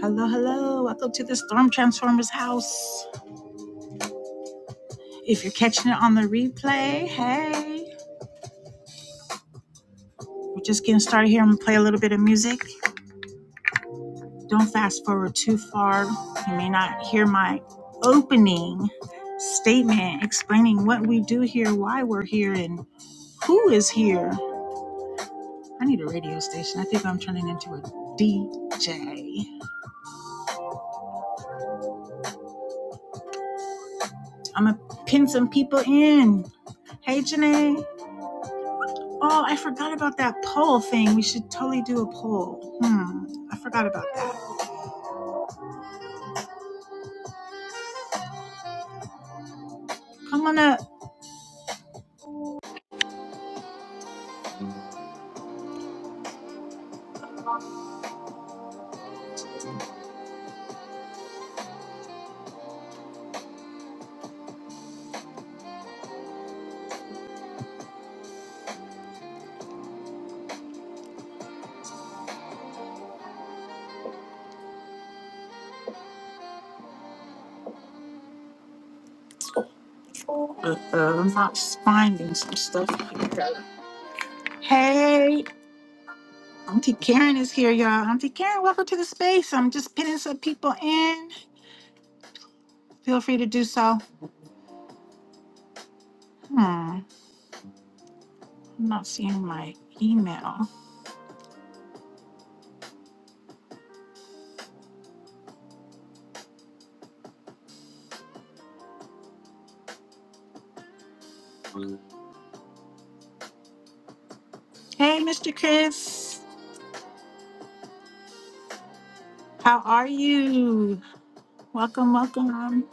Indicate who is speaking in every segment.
Speaker 1: Hello, hello. Welcome to the Storm Transformers house. If you're catching it on the replay, hey. We're just getting started here. I'm going to play a little bit of music. Don't fast forward too far. You may not hear my opening statement explaining what we do here, why we're here, and who is here. I need a radio station. I think I'm turning into a DJ. I'm going to pin some people in. Hey, Janae. Oh, I forgot about that poll thing. We should totally do a poll. Hmm. I forgot about that. I'm gonna. Uh, uh, I'm not finding some stuff here. Hey, Auntie Karen is here, y'all. Auntie Karen, welcome to the space. I'm just pinning some people in. Feel free to do so. Hmm. I'm not seeing my email. Hey, Mr. Chris. How are you? Welcome, welcome.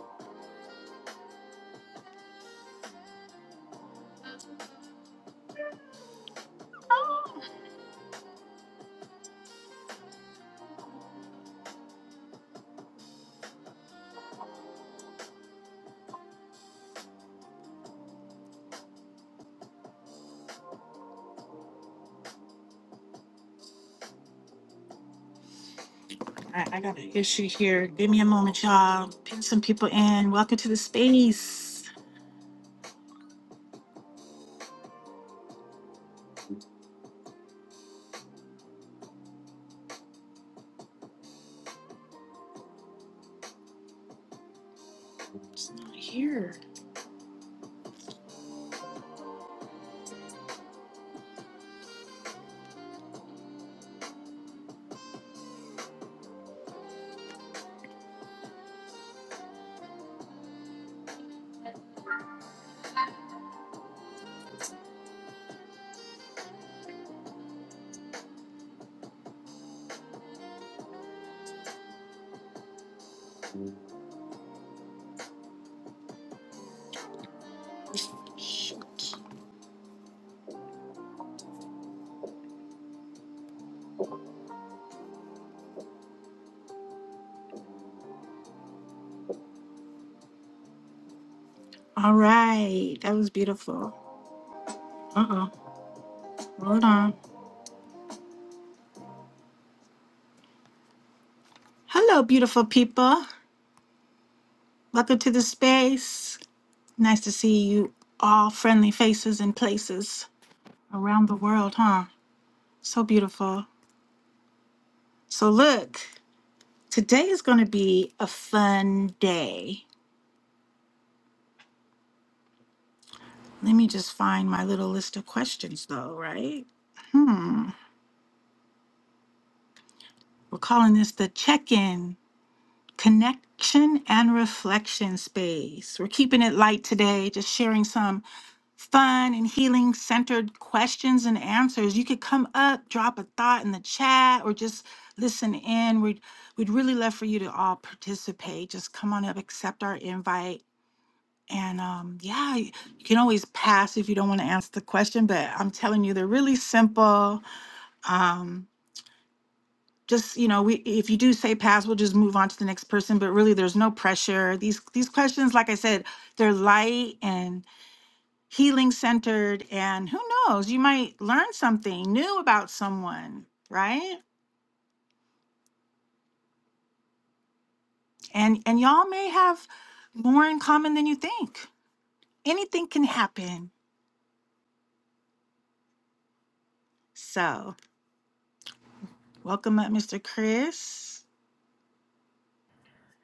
Speaker 1: I, I got an issue here. Give me a moment, y'all. Pin some people in. Welcome to the space. It's not here. All right. That was beautiful. Uh oh. Hold on. Hello, beautiful people. Welcome to the space. Nice to see you all friendly faces and places around the world, huh? So beautiful. So, look, today is going to be a fun day. Let me just find my little list of questions, though, right? Hmm. We're calling this the check in, connection, and reflection space. We're keeping it light today, just sharing some fun and healing centered questions and answers. You could come up, drop a thought in the chat, or just listen in. We'd, we'd really love for you to all participate. Just come on up, accept our invite. And um, yeah, you can always pass if you don't want to answer the question, but I'm telling you, they're really simple. Um, just you know we if you do say pass we'll just move on to the next person but really there's no pressure these these questions like i said they're light and healing centered and who knows you might learn something new about someone right and and y'all may have more in common than you think anything can happen so welcome up mr chris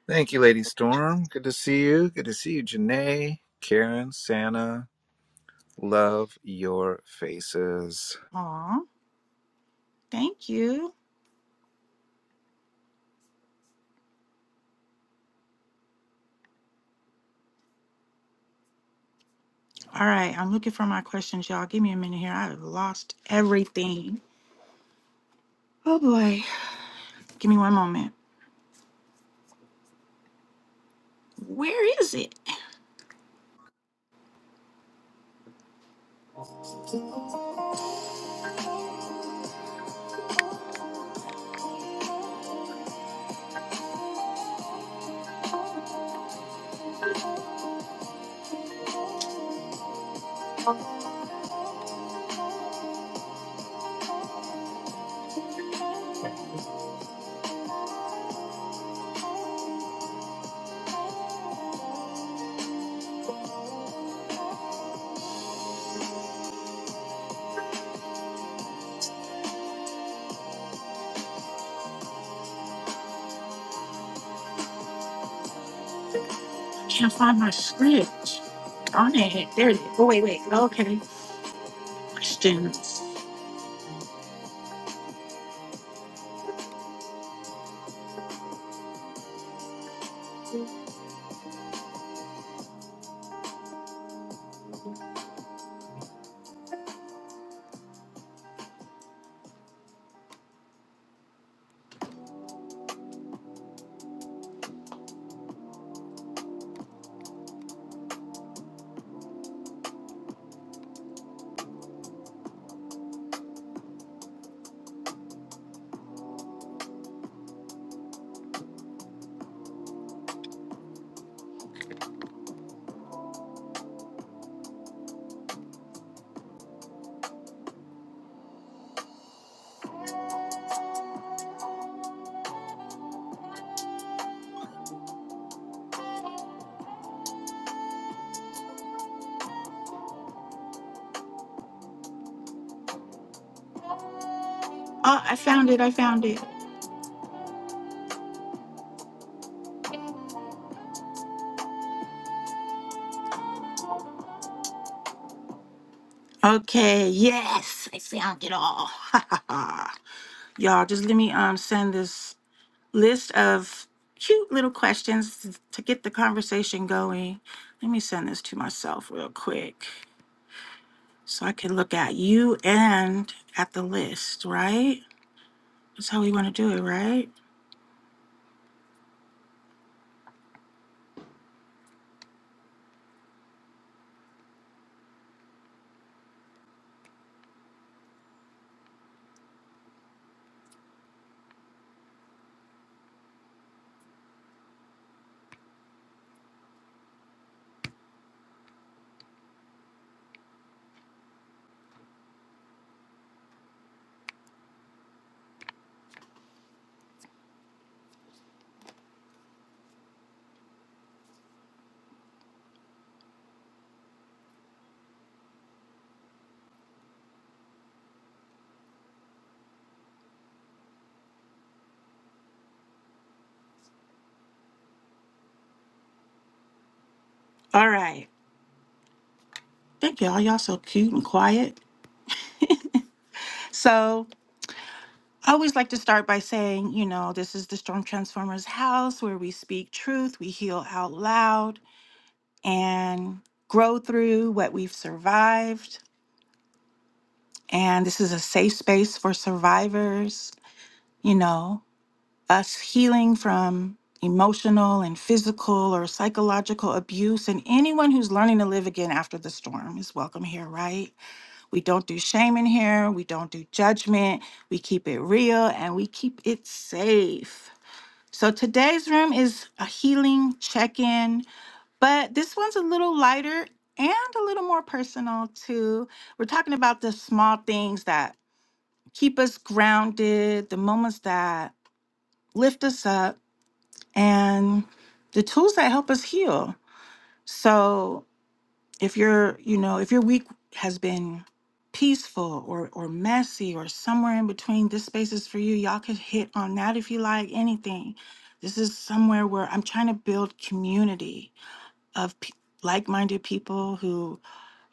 Speaker 2: Thank you, Lady Storm. Good to see you. Good to see you, Janae, Karen, Santa. Love your faces.
Speaker 1: Aw, thank you all right i'm looking for my questions y'all give me a minute here i've lost everything oh boy Give me one moment. Where is it? I can't find my script. Darn it. There it is. Oh, wait, wait. Oh, Okay. Questions. Oh, I found it. I found it. Okay. Yes. I found it all. Y'all, just let me um send this list of cute little questions t- to get the conversation going. Let me send this to myself real quick so I can look at you and at the list, right? That's how we want to do it, right? All right. Thank y'all. Y'all so cute and quiet. So I always like to start by saying, you know, this is the Storm Transformers house where we speak truth, we heal out loud, and grow through what we've survived. And this is a safe space for survivors, you know, us healing from emotional and physical or psychological abuse. And anyone who's learning to live again after the storm is welcome here, right? We don't do shame in here. We don't do judgment. We keep it real and we keep it safe. So today's room is a healing check in, but this one's a little lighter and a little more personal too. We're talking about the small things that keep us grounded, the moments that lift us up, and the tools that help us heal. So if you're, you know if your week has been peaceful or or messy or somewhere in between this space is for you y'all could hit on that if you like anything this is somewhere where i'm trying to build community of p- like-minded people who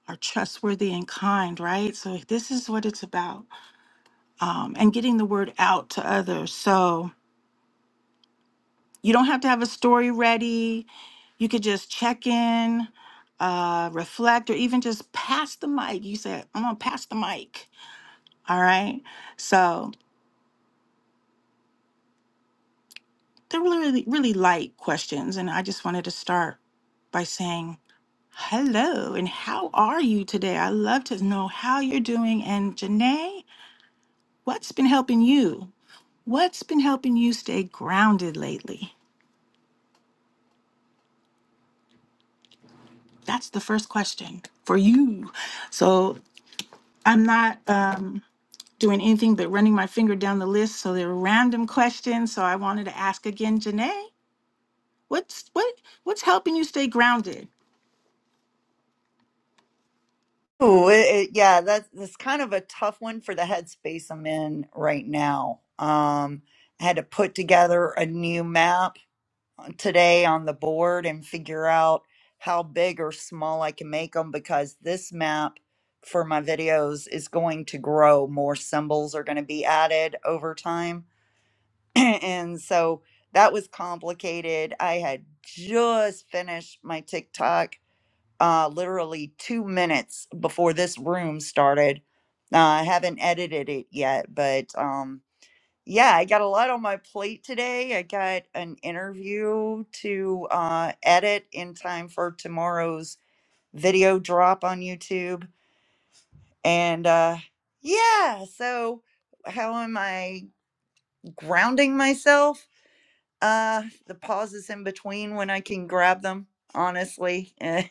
Speaker 1: are trustworthy and kind right so this is what it's about um, and getting the word out to others so You don't have to have a story ready. You could just check in, uh, reflect, or even just pass the mic. You said, I'm gonna pass the mic. All right. So they're really, really, really light questions. And I just wanted to start by saying, Hello, and how are you today? I love to know how you're doing. And Janae, what's been helping you? What's been helping you stay grounded lately? That's the first question for you. So I'm not um doing anything but running my finger down the list. So there were random questions. So I wanted to ask again, Janae, what's what what's helping you stay grounded?
Speaker 3: Ooh, it, it, yeah, that's that's kind of a tough one for the headspace I'm in right now. Um, I had to put together a new map today on the board and figure out how big or small I can make them because this map for my videos is going to grow. More symbols are going to be added over time. and so that was complicated. I had just finished my TikTok uh, literally two minutes before this room started. Uh, I haven't edited it yet, but um, yeah, I got a lot on my plate today. I got an interview to uh, edit in time for tomorrow's video drop on YouTube. And uh, yeah, so how am I grounding myself? Uh, the pauses in between when I can grab them, honestly. eh.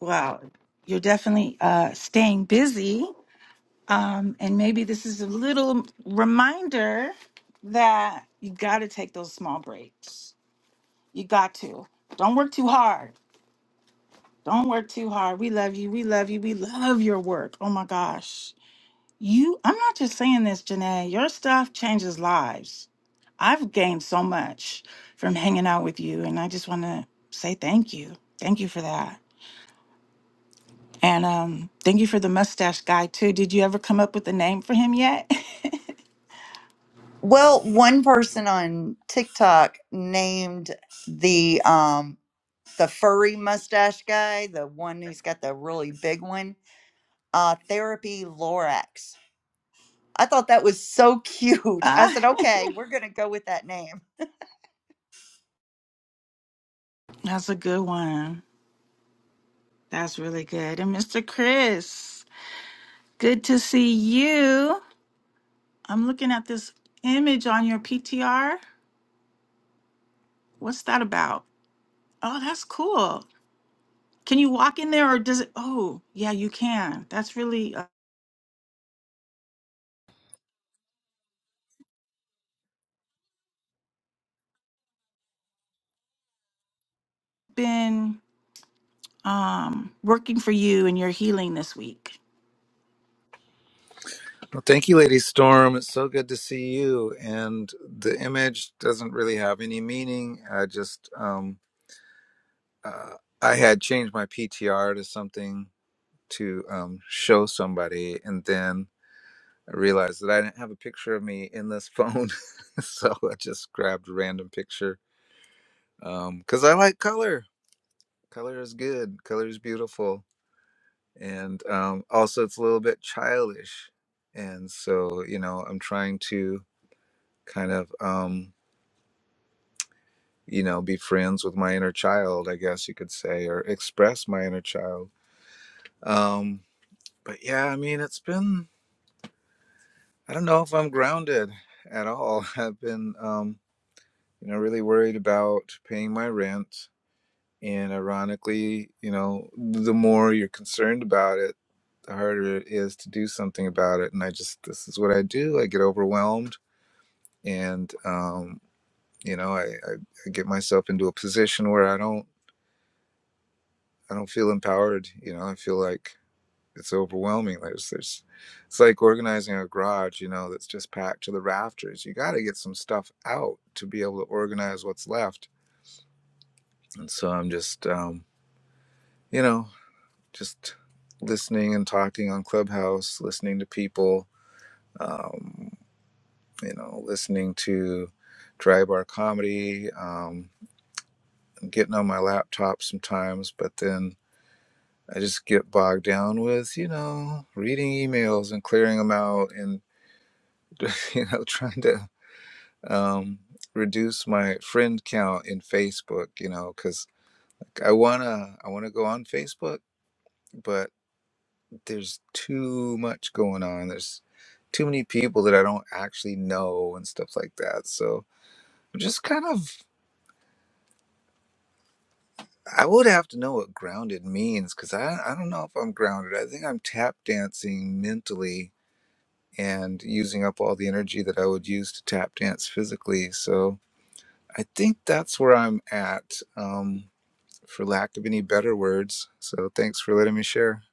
Speaker 1: Well, you're definitely uh, staying busy, um, and maybe this is a little reminder that you got to take those small breaks. You got to. Don't work too hard. Don't work too hard. We love you. We love you. We love your work. Oh my gosh. You, I'm not just saying this, Janae. Your stuff changes lives I've gained so much from hanging out with you, and I just want to say thank you. Thank you for that. And um, thank you for the mustache guy, too. Did you ever come up with a name for him yet?
Speaker 3: Well, one person on TikTok named the um the furry mustache guy, the one who's got the really big one, uh therapy Lorax. I thought that was so cute. I
Speaker 1: ah,
Speaker 3: said, "Okay, we're going to go with that name."
Speaker 1: that's a good one. That's really good. And Mr. Chris, good to see you. I'm looking at this image on your PTR. What's that about? Oh, that's cool. Can you walk in there or does it? Oh, yeah, you can. That's really uh, been. um, working for you and your healing this week.
Speaker 2: Well, thank you, Lady Storm. It's so good to see you. And the image doesn't really have any meaning. I just, um, uh, I had changed my PTR to something to um, show somebody, and then I realized that I didn't have a picture of me in this phone, so I just grabbed a random picture because I like color Color is good. Color is beautiful. And um, also, it's a little bit childish. And so, you know, I'm trying to kind of, um, you know, be friends with my inner child, I guess you could say, or express my inner child. Um, but yeah, I mean, it's been, I don't know if I'm grounded at all. I've been, um, you know, really worried about paying my rent. And ironically, you know, the more you're concerned about it, the harder it is to do something about it. And I just, this is what I do. I get overwhelmed and, um, you know, I, I, I get myself into a position where I don't, I don't feel empowered. You know, I feel like it's overwhelming. There's, there's, it's like organizing a garage, you know, that's just packed to the rafters. You got to get some stuff out to be able to organize what's left. And so I'm just, um, you know, just listening and talking on Clubhouse, listening to people, um, you know, listening to dry bar comedy, um, getting on my laptop sometimes, but then I just get bogged down with, you know, reading emails and clearing them out and, you know, trying to um, reduce my friend count in Facebook, you know, because I want to, I want to go on Facebook, but there's too much going on. There's too many people that I don't actually know and stuff like that. So, I'm just kind of I would have to know what grounded means because I, I don't know if I'm grounded. I think I'm tap dancing mentally and using up all the energy that I would use to tap dance physically. So I think that's where I'm at, um, for lack of any better words. So thanks for letting me share.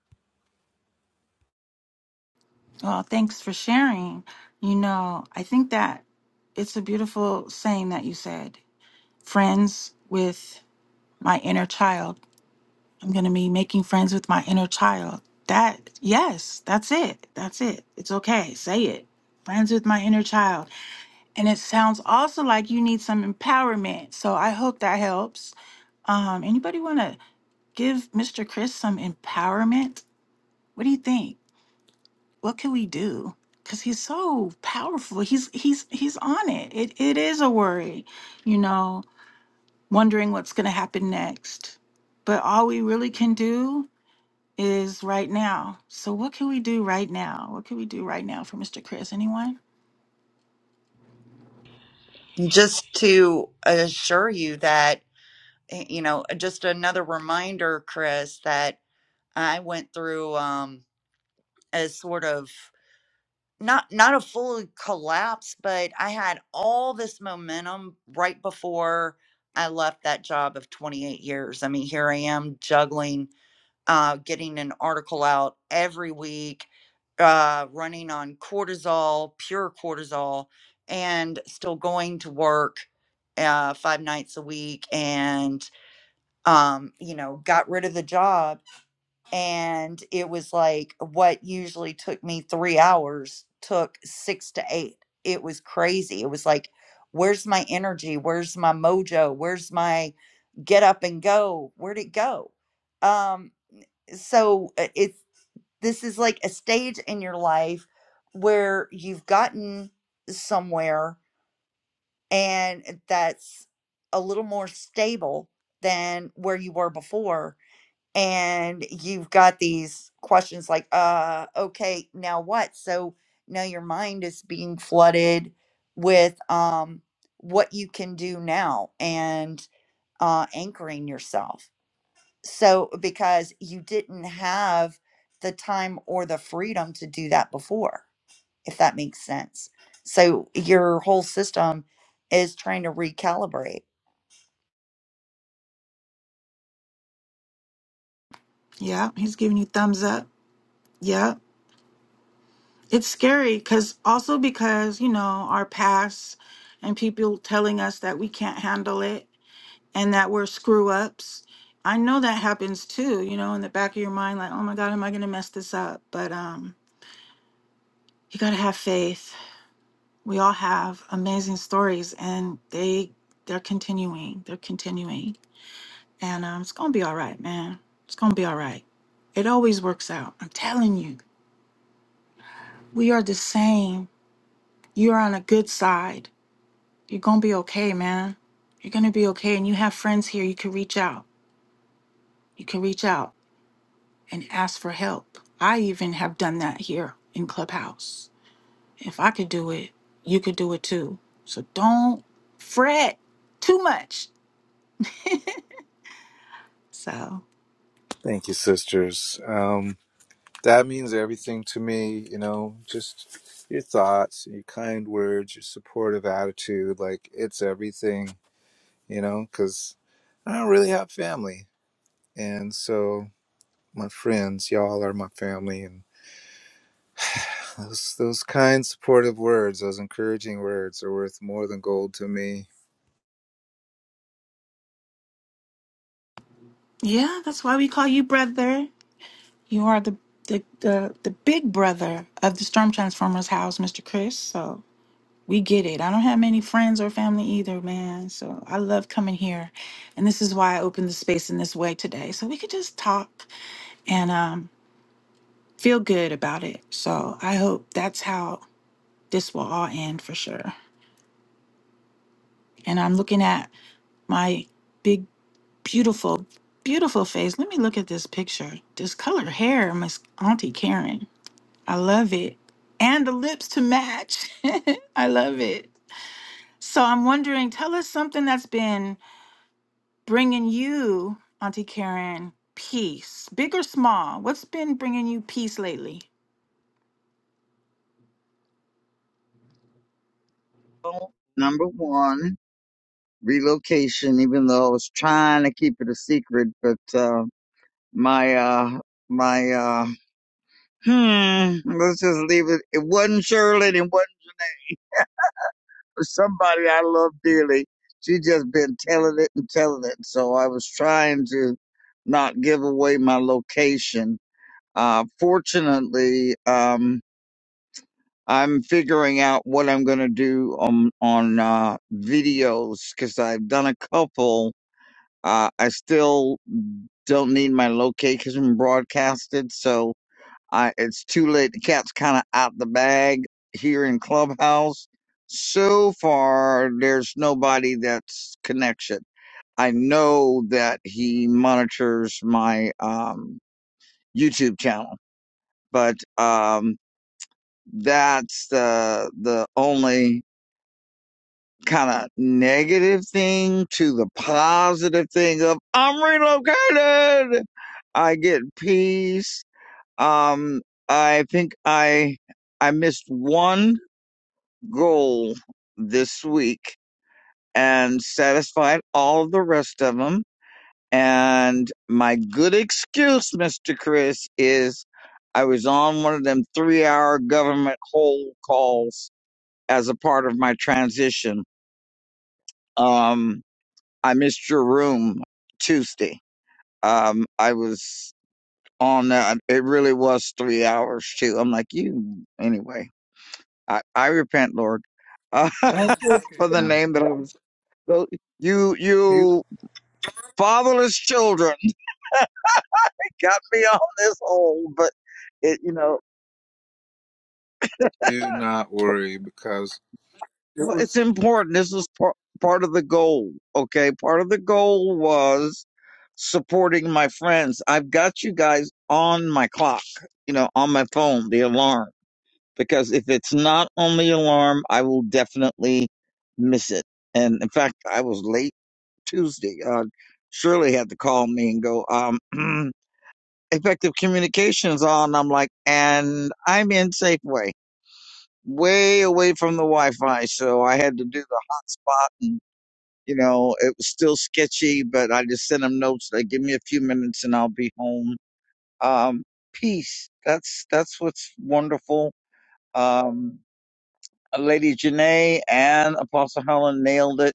Speaker 1: Well, thanks for sharing. You know, I think that it's a beautiful saying that you said friends with my inner child. I'm going to be making friends with my inner child. That, yes, that's it. That's it. It's okay. Say it. Friends with my inner child. And it sounds also like you need some empowerment. So I hope that helps. Um, anybody want to give Mr. Chris some empowerment? What do you think? what can we do? Because he's so powerful. He's he's he's on it. It it is a worry, you know, wondering what's going to happen next. But all we really can do is right now. So what can we do right now? What can we do right now for Mr. Chris? Anyone?
Speaker 3: Just to assure you that eh, you know, eh, just another reminder, Chris, that I went through um a sort of not not a full collapse, but I had all this momentum right before I left that job of 28 years. I mean, here I am juggling, uh, getting an article out every week, uh, running on cortisol, pure cortisol, and still going to work uh, five nights a week. And um, you know, got rid of the job and it was like what usually took me three hours took six to eight. It was crazy. It was like, where's my energy? Where's my mojo? Where's my get up and go? Where'd it go? Um, so uh, it's this is like a stage in your life where you've gotten somewhere and that's a little more stable than where you were before and you've got these questions like uh okay now what so now your mind is being flooded with um what you can do now and uh anchoring yourself so because you didn't have the time or the freedom to do that before if that makes sense so your whole system is trying to recalibrate
Speaker 1: Yeah, he's giving you thumbs up. Yeah. It's scary because also because, you know, our past and people telling us that we can't handle it and that we're screw ups. I know that happens too, you know, in the back of your mind, like, oh my God, am I going to mess this up? But um, you got to have faith. We all have amazing stories, and they they're continuing. They're continuing, and um, it's gonna be all right, man. It's gonna be all right. It always works out. I'm telling you, we are the same. You're on a good side. You're gonna be okay, man. You're gonna be okay, and you have friends here. You can reach out. You can reach out and ask for help. I even have done that here in Clubhouse. If I could do it, you could do it too. So don't fret too much. So
Speaker 2: Thank you, sisters. Um, that means everything to me, you know, just your thoughts, your kind words, your supportive attitude. Like, it's everything, you know, because I don't really have family. And so, my friends, y'all are my family, and those those kind, supportive words, those encouraging words, are worth more than gold to me.
Speaker 1: yeah, that's why we call you brother. You are the the the, the big brother of the Storm Transformers house, Mr. Chris. So we get it. I don't have many friends or family either, man. So I love coming here. And this is why I opened the space in this way today. So we could just talk and um. feel good about it. So I hope that's how this will all end for sure. And I'm looking at my big, beautiful, beautiful face. Let me look at this picture. This colored hair, Miss Auntie Karen. I love it. And the lips to match. I love it. So I'm wondering, tell us something that's been bringing you, Auntie Karen, peace, big or small. What's been bringing you peace lately?
Speaker 4: Well, number one, relocation, even though I was trying to keep it a secret, but uh my uh my uh hmm let's just leave it it wasn't Shirley, and it wasn't somebody I love dearly. She just been telling it and telling it. So I was trying to not give away my location. Uh fortunately, um I'm figuring out what I'm gonna do on on uh videos because I've done a couple Uh, I still don't need my location broadcasted, so I it's too late. The cat's kind of out the bag here in Clubhouse. So far, there's nobody that's connection. I know that he monitors my um, YouTube channel, but um, that's the the only kind of negative thing to the positive thing of I'm relocated. I get peace. Um, I think I I missed one goal this week and satisfied all the rest of them. And my good excuse, Mr. Chris, is I was on one of them three hour government hold calls as a part of my transition. Um, I missed your room Tuesday. Um, I was on that. It really was three hours too. I'm like, you, anyway, I, I repent, Lord, uh,
Speaker 2: That's okay.
Speaker 4: for the
Speaker 2: Yeah.
Speaker 4: name that I was. so You,
Speaker 2: You
Speaker 4: you fatherless children got me on this hole, but it, you know.
Speaker 2: do not worry because it
Speaker 4: Well,
Speaker 2: was.
Speaker 4: it's important. This is par- part of the goal. Okay. Part of the goal was supporting my friends. I've got you guys on my clock, you know, on my phone, the alarm, because if it's not on the alarm, I will definitely miss it. And in fact, I was late Tuesday. Uh, Shirley had to call me and go, um, effective communications on. I'm like, and I'm in Safeway way away from the Wi-Fi, so I had to do the hotspot, and you know it was still sketchy. But I just sent him notes like, "Give me a few minutes, and I'll be home." Um, peace. That's that's what's wonderful. Um, uh, Lady Janae and Apostle Helen nailed it.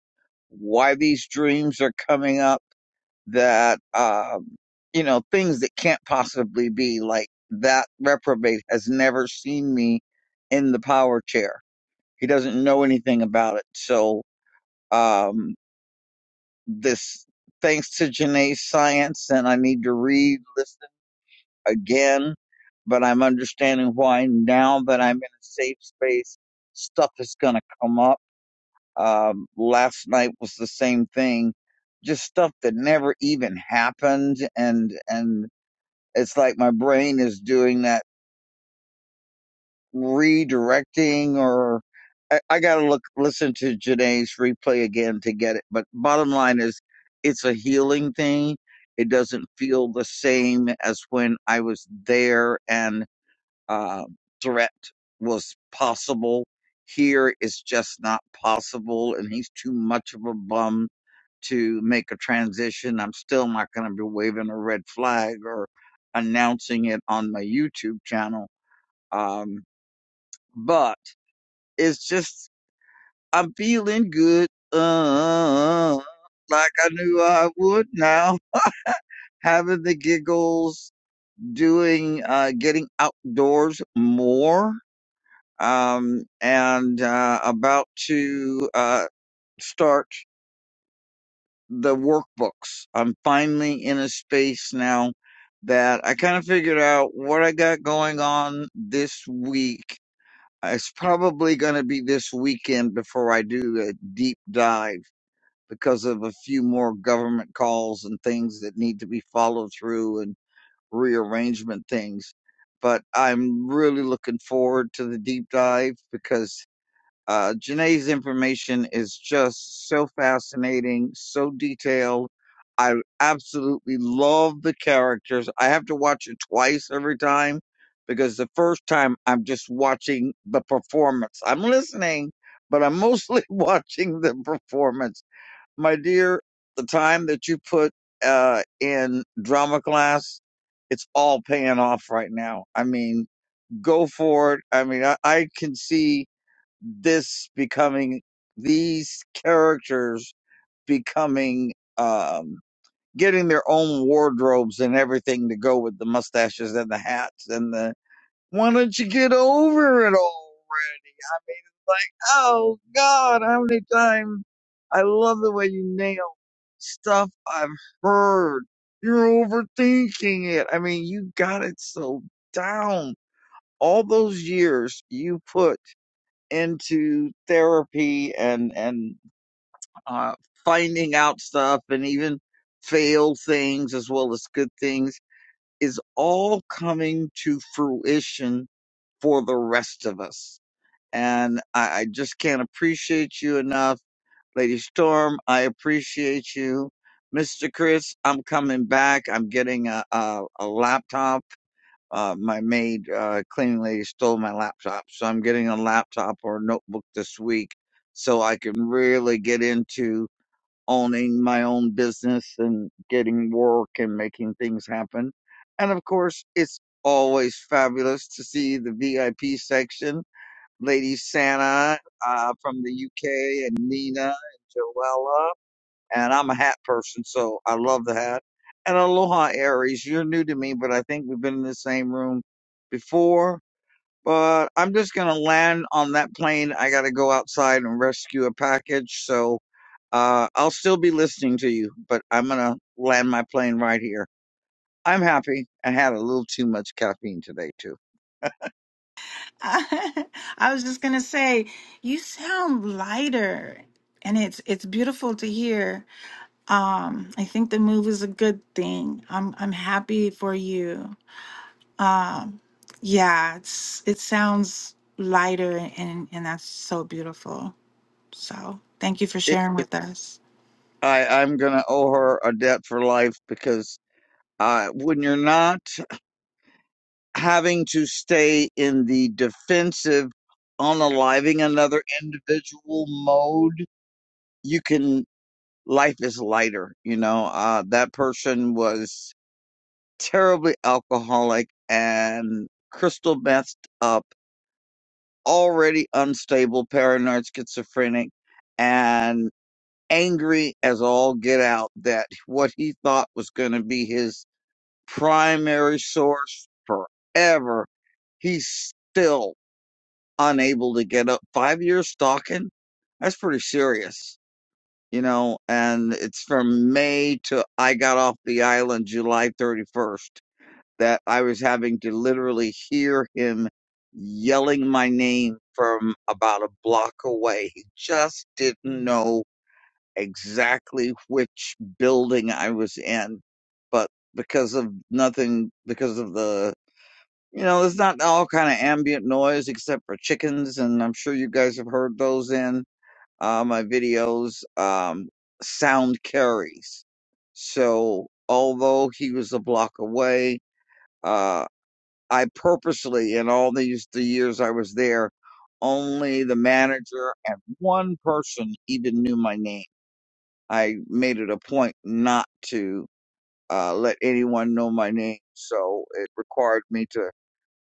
Speaker 4: Why these dreams are coming up that um, you know things that can't possibly be like that reprobate has never seen me in the power chair he doesn't know anything about it. So um, this, thanks to Janae's science, and I need to read listen again, but I'm understanding why now that I'm in a safe space, stuff is going to come up. Um, last night was the same thing, just stuff that never even happened, and and it's like my brain is doing that redirecting or I, I gotta look listen to Janae's replay again to get it. But bottom line is it's a healing thing. It doesn't feel the same as when I was there and uh, direct was possible. Here it's just not possible, and he's too much of a bum to make a transition. I'm still not going to be waving a red flag or announcing it on my YouTube channel. Um, but it's just I'm feeling good, uh, like I knew I would now. Having the giggles, doing, uh, getting outdoors more, um, and uh, about to uh, start the workbooks. I'm finally in a space now that I kind of figured out what I got going on this week. It's probably going to be this weekend before I do a deep dive because of a few more government calls and things that need to be followed through and rearrangement things. But I'm really looking forward to the deep dive because uh, Janae's information is just so fascinating, so detailed. I absolutely love the characters. I have to watch it twice every time because the first time I'm just watching the performance. I'm listening, but I'm mostly watching the performance my dear, the time that you put uh, in drama class, it's all paying off right now. I mean, go for it. I mean, I, I can see this becoming these characters becoming um, getting their own wardrobes and everything to go with the mustaches and the hats and the. Why don't you get over it all? like, oh God, how many times? I love the way you nail stuff I've heard. You're overthinking it. I mean, you got it so down. All those years you put into therapy and and uh, finding out stuff and even fail things as well as good things is all coming to fruition for the rest of us. And I, I just can't appreciate you enough Lady Storm, I appreciate you. Mr. Chris, I'm coming back. I'm getting a, a, a laptop. Uh, my maid, uh, cleaning lady stole my laptop. So I'm getting a laptop or a notebook this week so I can really get into owning my own business and getting work and making things happen. And of course, it's always fabulous to see the VIP section Lady Santa uh, from the UK, and Nina and Joella. And I'm a hat person, so I love the hat. And Aloha Aries, you're new to me, but I think we've been in the same room before. But I'm just gonna land on that plane. I gotta go outside and rescue a package, so uh, I'll still be listening to you, but I'm gonna land my plane right here. I'm happy. I had a little too much caffeine today too.
Speaker 1: I, was just gonna say, you sound lighter, and it's it's beautiful to hear. Um, I think the move is a good thing. I'm I'm happy for you. Um, yeah, it's it sounds lighter, and and that's so beautiful. So thank you for
Speaker 4: It,
Speaker 1: sharing with us.
Speaker 4: I I'm gonna owe her a debt for life because uh, when you're not having to stay in the defensive unaliving another individual mode you can life is lighter you know uh that person was terribly alcoholic and crystal messed up already unstable paranoid schizophrenic and angry as all get out that what he thought was going to be his primary source forever. He's still unable to get up. Five years stalking? That's pretty serious, you know. And it's from May to I got off the island July 31st that I was having to literally hear him yelling my name from about a block away. He just didn't know exactly which building I was in. But because of nothing, because of the you know, there's not all kind of ambient noise except for chickens, and I'm sure you guys have heard those in uh, my videos. Um, sound carries. So, although he was a block away, uh, I purposely, in all these the years I was there, only the manager and one person even knew my name. I made it a point not to uh, let anyone know my name, so it required me to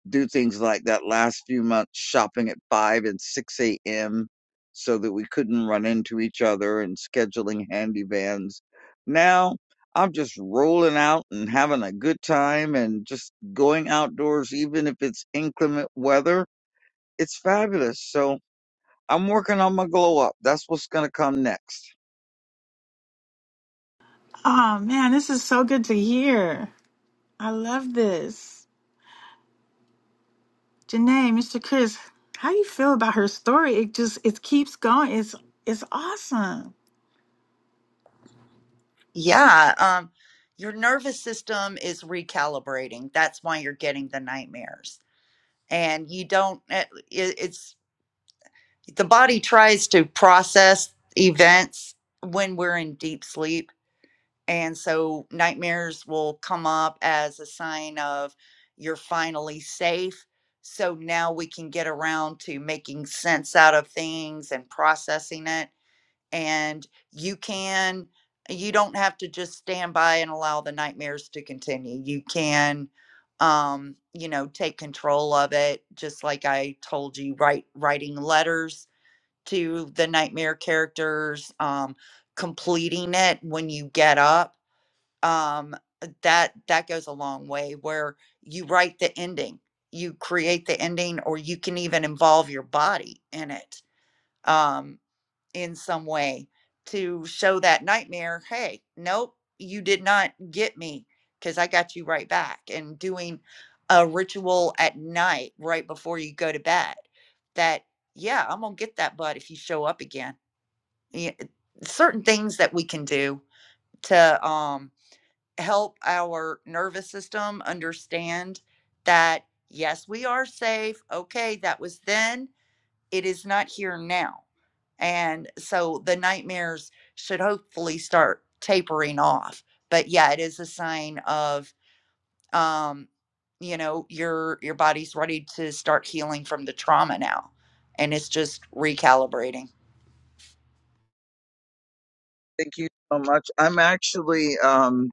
Speaker 4: do things like that last few months, shopping at 5 and 6 a.m. so that we couldn't run into each other and scheduling handy vans. Now I'm just rolling out and having a good time and just going outdoors, even if it's inclement weather. It's fabulous. So I'm working on my glow up. That's what's going to come next.
Speaker 1: Oh man, this is so good to hear. I love this, Janae, Mr. Chris. How do you feel about her story? It just it keeps going. It's it's awesome.
Speaker 3: Yeah, um, your nervous system is recalibrating. That's why you're getting the nightmares. And you don't, eh, it, it's the body tries to process events when we're in deep sleep. And so nightmares will come up as a sign of you're finally safe. So now we can get around to making sense out of things and processing it and you can you don't have to just stand by and allow the nightmares to continue you can um you know take control of it just like i told you write writing letters to the nightmare characters um completing it when you get up um that that goes a long way where you write the ending you create the ending or you can even involve your body in it Um, in some way to show that nightmare, hey, nope, you did not get me because I got you right back. And doing a ritual at night right before you go to bed that, yeah, I'm going to get that butt if you show up again. Yeah, Certain things that we can do to um, help our nervous system understand that, yes, we are safe. Okay, that was then it is not here now. And so the nightmares should hopefully start tapering off. But yeah, it is a sign of um, you know, your your body's ready to start healing from the trauma now. And it's just recalibrating.
Speaker 4: Thank you so much. I'm actually, um,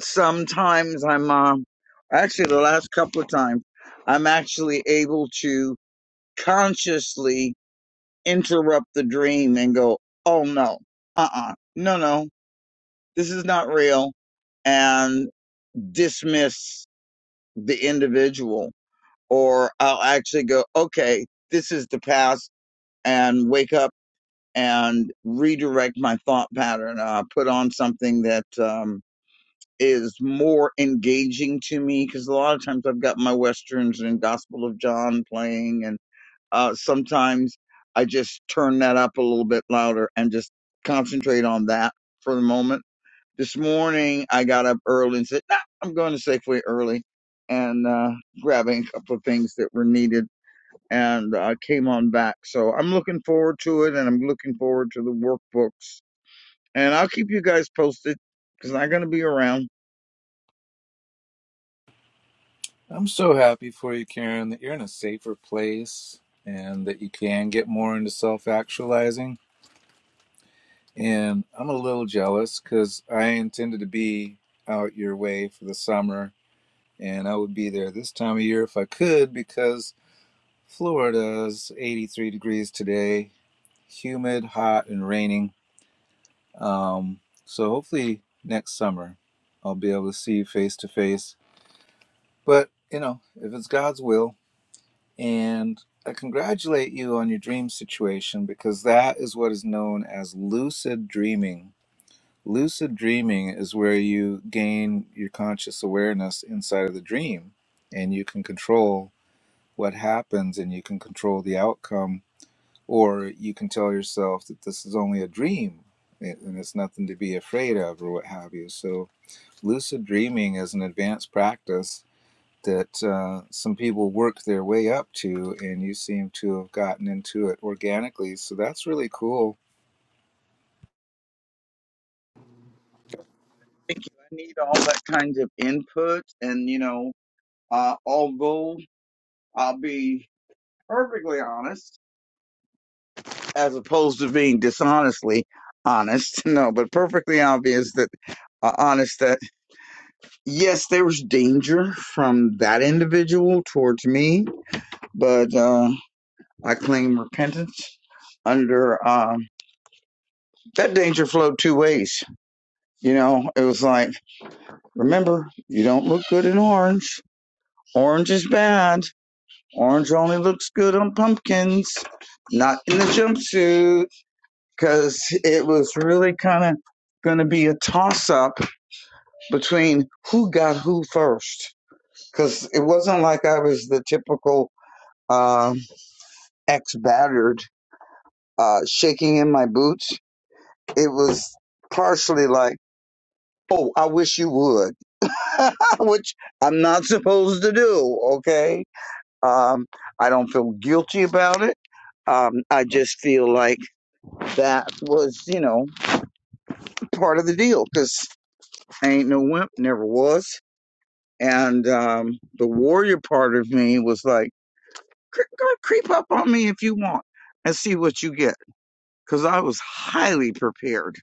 Speaker 4: sometimes I'm, uh, actually the last couple of times, I'm actually able to consciously interrupt the dream and go, oh no, uh uh no, no, this is not real, and dismiss the individual. Or I'll actually go, okay, this is the past, and wake up and redirect my thought pattern. Uh, put on something that um, is more engaging to me because a lot of times I've got my westerns and Gospel of John playing, and Uh, sometimes I just turn that up a little bit louder and just concentrate on that for the moment. This morning I got up early and said, nah, I'm going to Safeway early and uh, grabbing a couple of things that were needed and uh, came on back. So I'm looking forward to it and I'm looking forward to the workbooks. And I'll keep you guys posted because I'm going to be around.
Speaker 2: I'm so happy for you, Karen. That you're in a safer place, and that you can get more into self-actualizing. And I'm a little jealous because I intended to be out your way for the summer, and I would be there this time of year if I could because Florida's 83 degrees today, humid, hot, and raining. Um, so hopefully next summer I'll be able to see you face to face. But you know, if it's God's will, and I congratulate you on your dream situation because that is what is known as lucid dreaming. Lucid dreaming is where you gain your conscious awareness inside of the dream and you can control what happens and you can control the outcome or you can tell yourself that this is only a dream and it's nothing to be afraid of or what have you so lucid dreaming is an advanced practice that uh, some people work their way up to and you seem to have gotten into it organically so that's really cool
Speaker 4: Thank you. I need all that kinds of input and, you know, uh, although I'll be perfectly honest. as opposed to being dishonestly honest. No, but perfectly obvious that uh, honest that yes, there was danger from that individual towards me, but uh, I claim repentance under um, that danger flowed two ways. You know, it was like remember you don't look good in orange. Orange is bad. Orange only looks good on pumpkins, not in the jumpsuit because it was really kind of going to be a toss up between who got who first. Because it wasn't like I was the typical um, ex battered uh, shaking in my boots. It was partially like, oh, I wish you would, which I'm not supposed to do, okay? Um, I don't feel guilty about it. Um, I just feel like that was, you know, part of the deal because I ain't no wimp, never was And um, the warrior part of me was like, "Cre- go creep up on me if you want and see what you get. Because I was highly prepared,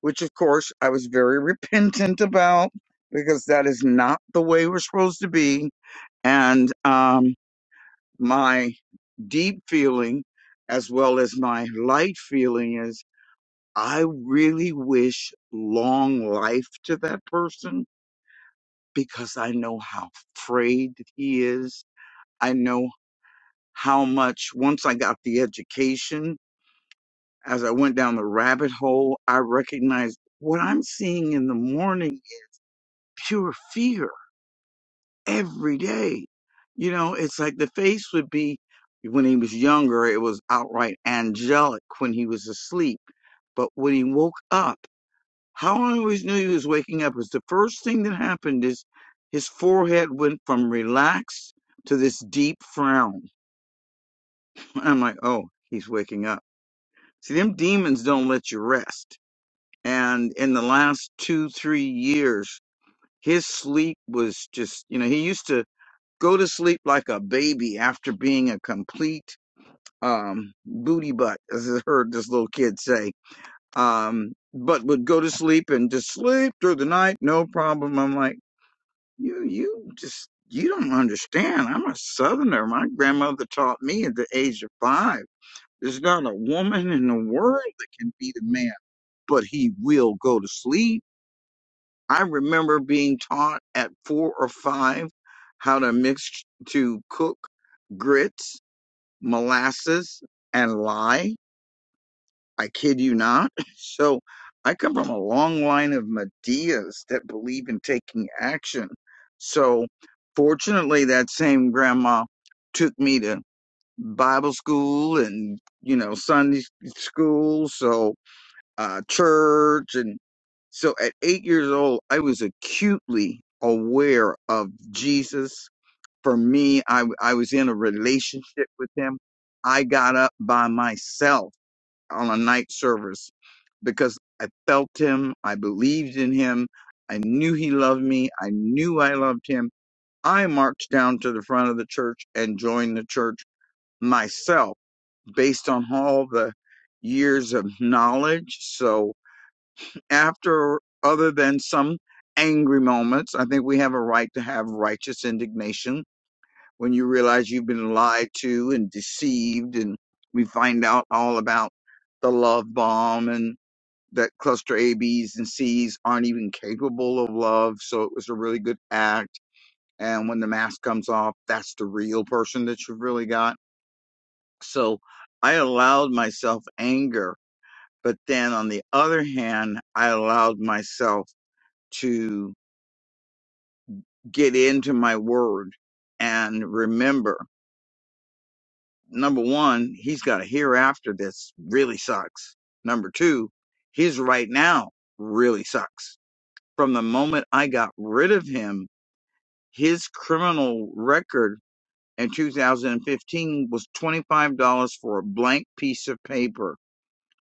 Speaker 4: which of course I was very repentant about because that is not the way we're supposed to be. And um, my deep feeling, as well as my light feeling, is I really wish long life to that person because I know how afraid he is. I know. how much once I got the education, as I went down the rabbit hole, I recognized what I'm seeing in the morning, is pure fear every day. You know, it's like the face would be when he was younger, it was outright angelic when he was asleep. But when he woke up, how I always knew he was waking up is the first thing that happened is his forehead went from relaxed to this deep frown. I'm like, oh, he's waking up See, them demons don't let you rest. And in the last two, three years, his sleep was just, you know, he used to go to sleep like a baby after being a complete um, booty butt, as I heard this little kid say. Um, but would go to sleep and just sleep through the night, no problem. I'm like, you, you just, you don't understand. I'm a southerner. My grandmother taught me at the age of five. There's not a woman in the world that can beat a man but he will go to sleep. I remember being taught at four or five how to mix to cook grits, molasses, and lye. I kid you not. So I come from a long line of Medias that believe in taking action. So fortunately, that same grandma took me to Bible school and, you know, Sunday school. So uh, church. And so at eight years old, I was acutely aware of Jesus. For me, I, I was in a relationship with him. I got up by myself on a night service because I felt him. I believed in him. I knew he loved me. I knew I loved him. I marched down to the front of the church and joined the church myself based on all the years of knowledge. So after other than some angry moments i think we have a right to have righteous indignation when you realize you've been lied to and deceived and we find out all about the love bomb and that cluster a b's and c's aren't even capable of love so it was a really good act and when the mask comes off that's the real person that you've really got so i allowed myself anger but then on the other hand i allowed myself to. get into my word and remember number one, he's got a hereafter that's really sucks. Number two, his right now really sucks. From the moment I got rid of him, his criminal record in 2015 was $25 for a blank piece of paper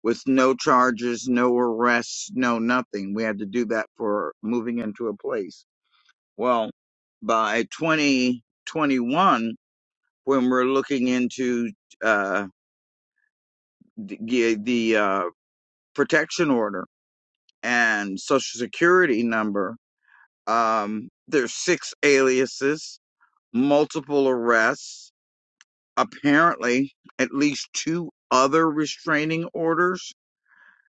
Speaker 4: with no charges, no arrests, no nothing. We had to do that for moving into a place. Well, by 2021, when we're looking into uh, the, the uh, protection order and social security number. Um, there's six aliases, multiple arrests, apparently at least two other restraining orders.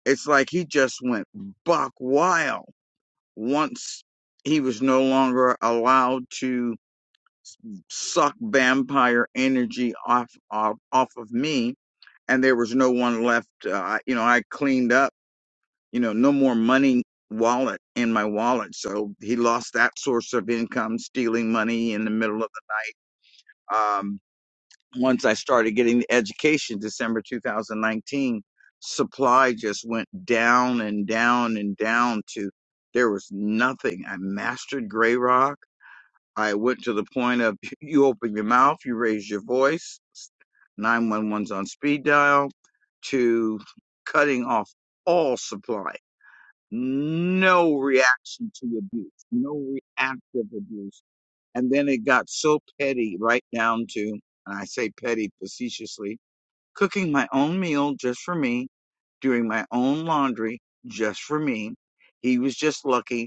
Speaker 4: It's like he just went buck wild once he was no longer allowed to suck vampire energy off off, off of me and there was no one left. Uh, I- you know, I cleaned up, you know, no more money wallet in my wallet. So he lost that source of income, stealing money in the middle of the, um, once I started getting the education, December 2019, supply just went down and down and down to there was nothing. I mastered Grey Rock. I went to the point of you open your mouth, you raise your voice. 911's on speed dial to cutting off all supply. No reaction to abuse, no reactive abuse. And then it got so petty, right down to, and I say petty facetiously, cooking my own meal just for me, doing my own laundry just for me. He was just lucky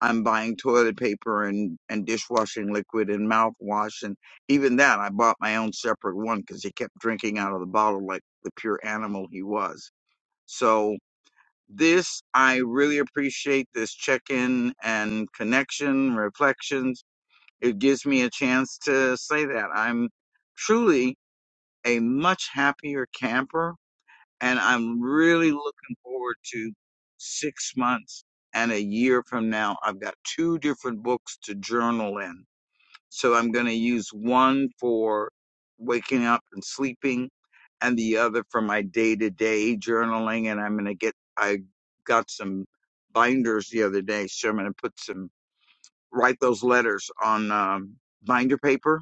Speaker 4: I'm buying toilet paper and, and dishwashing liquid and mouthwash. And even that, I bought my own separate one because he kept drinking out of the bottle like the pure animal he was. So, this, I really appreciate this check in and connection, reflections. It gives me a chance to say that I'm truly a much happier camper and I'm really looking forward to six months and a year from now. I've got two different books to journal in. So I'm going to use one for waking up and sleeping and the other for my day to day journaling. And I'm going to get, I got some binders the other day. So I'm going to put some, write those letters on um, binder paper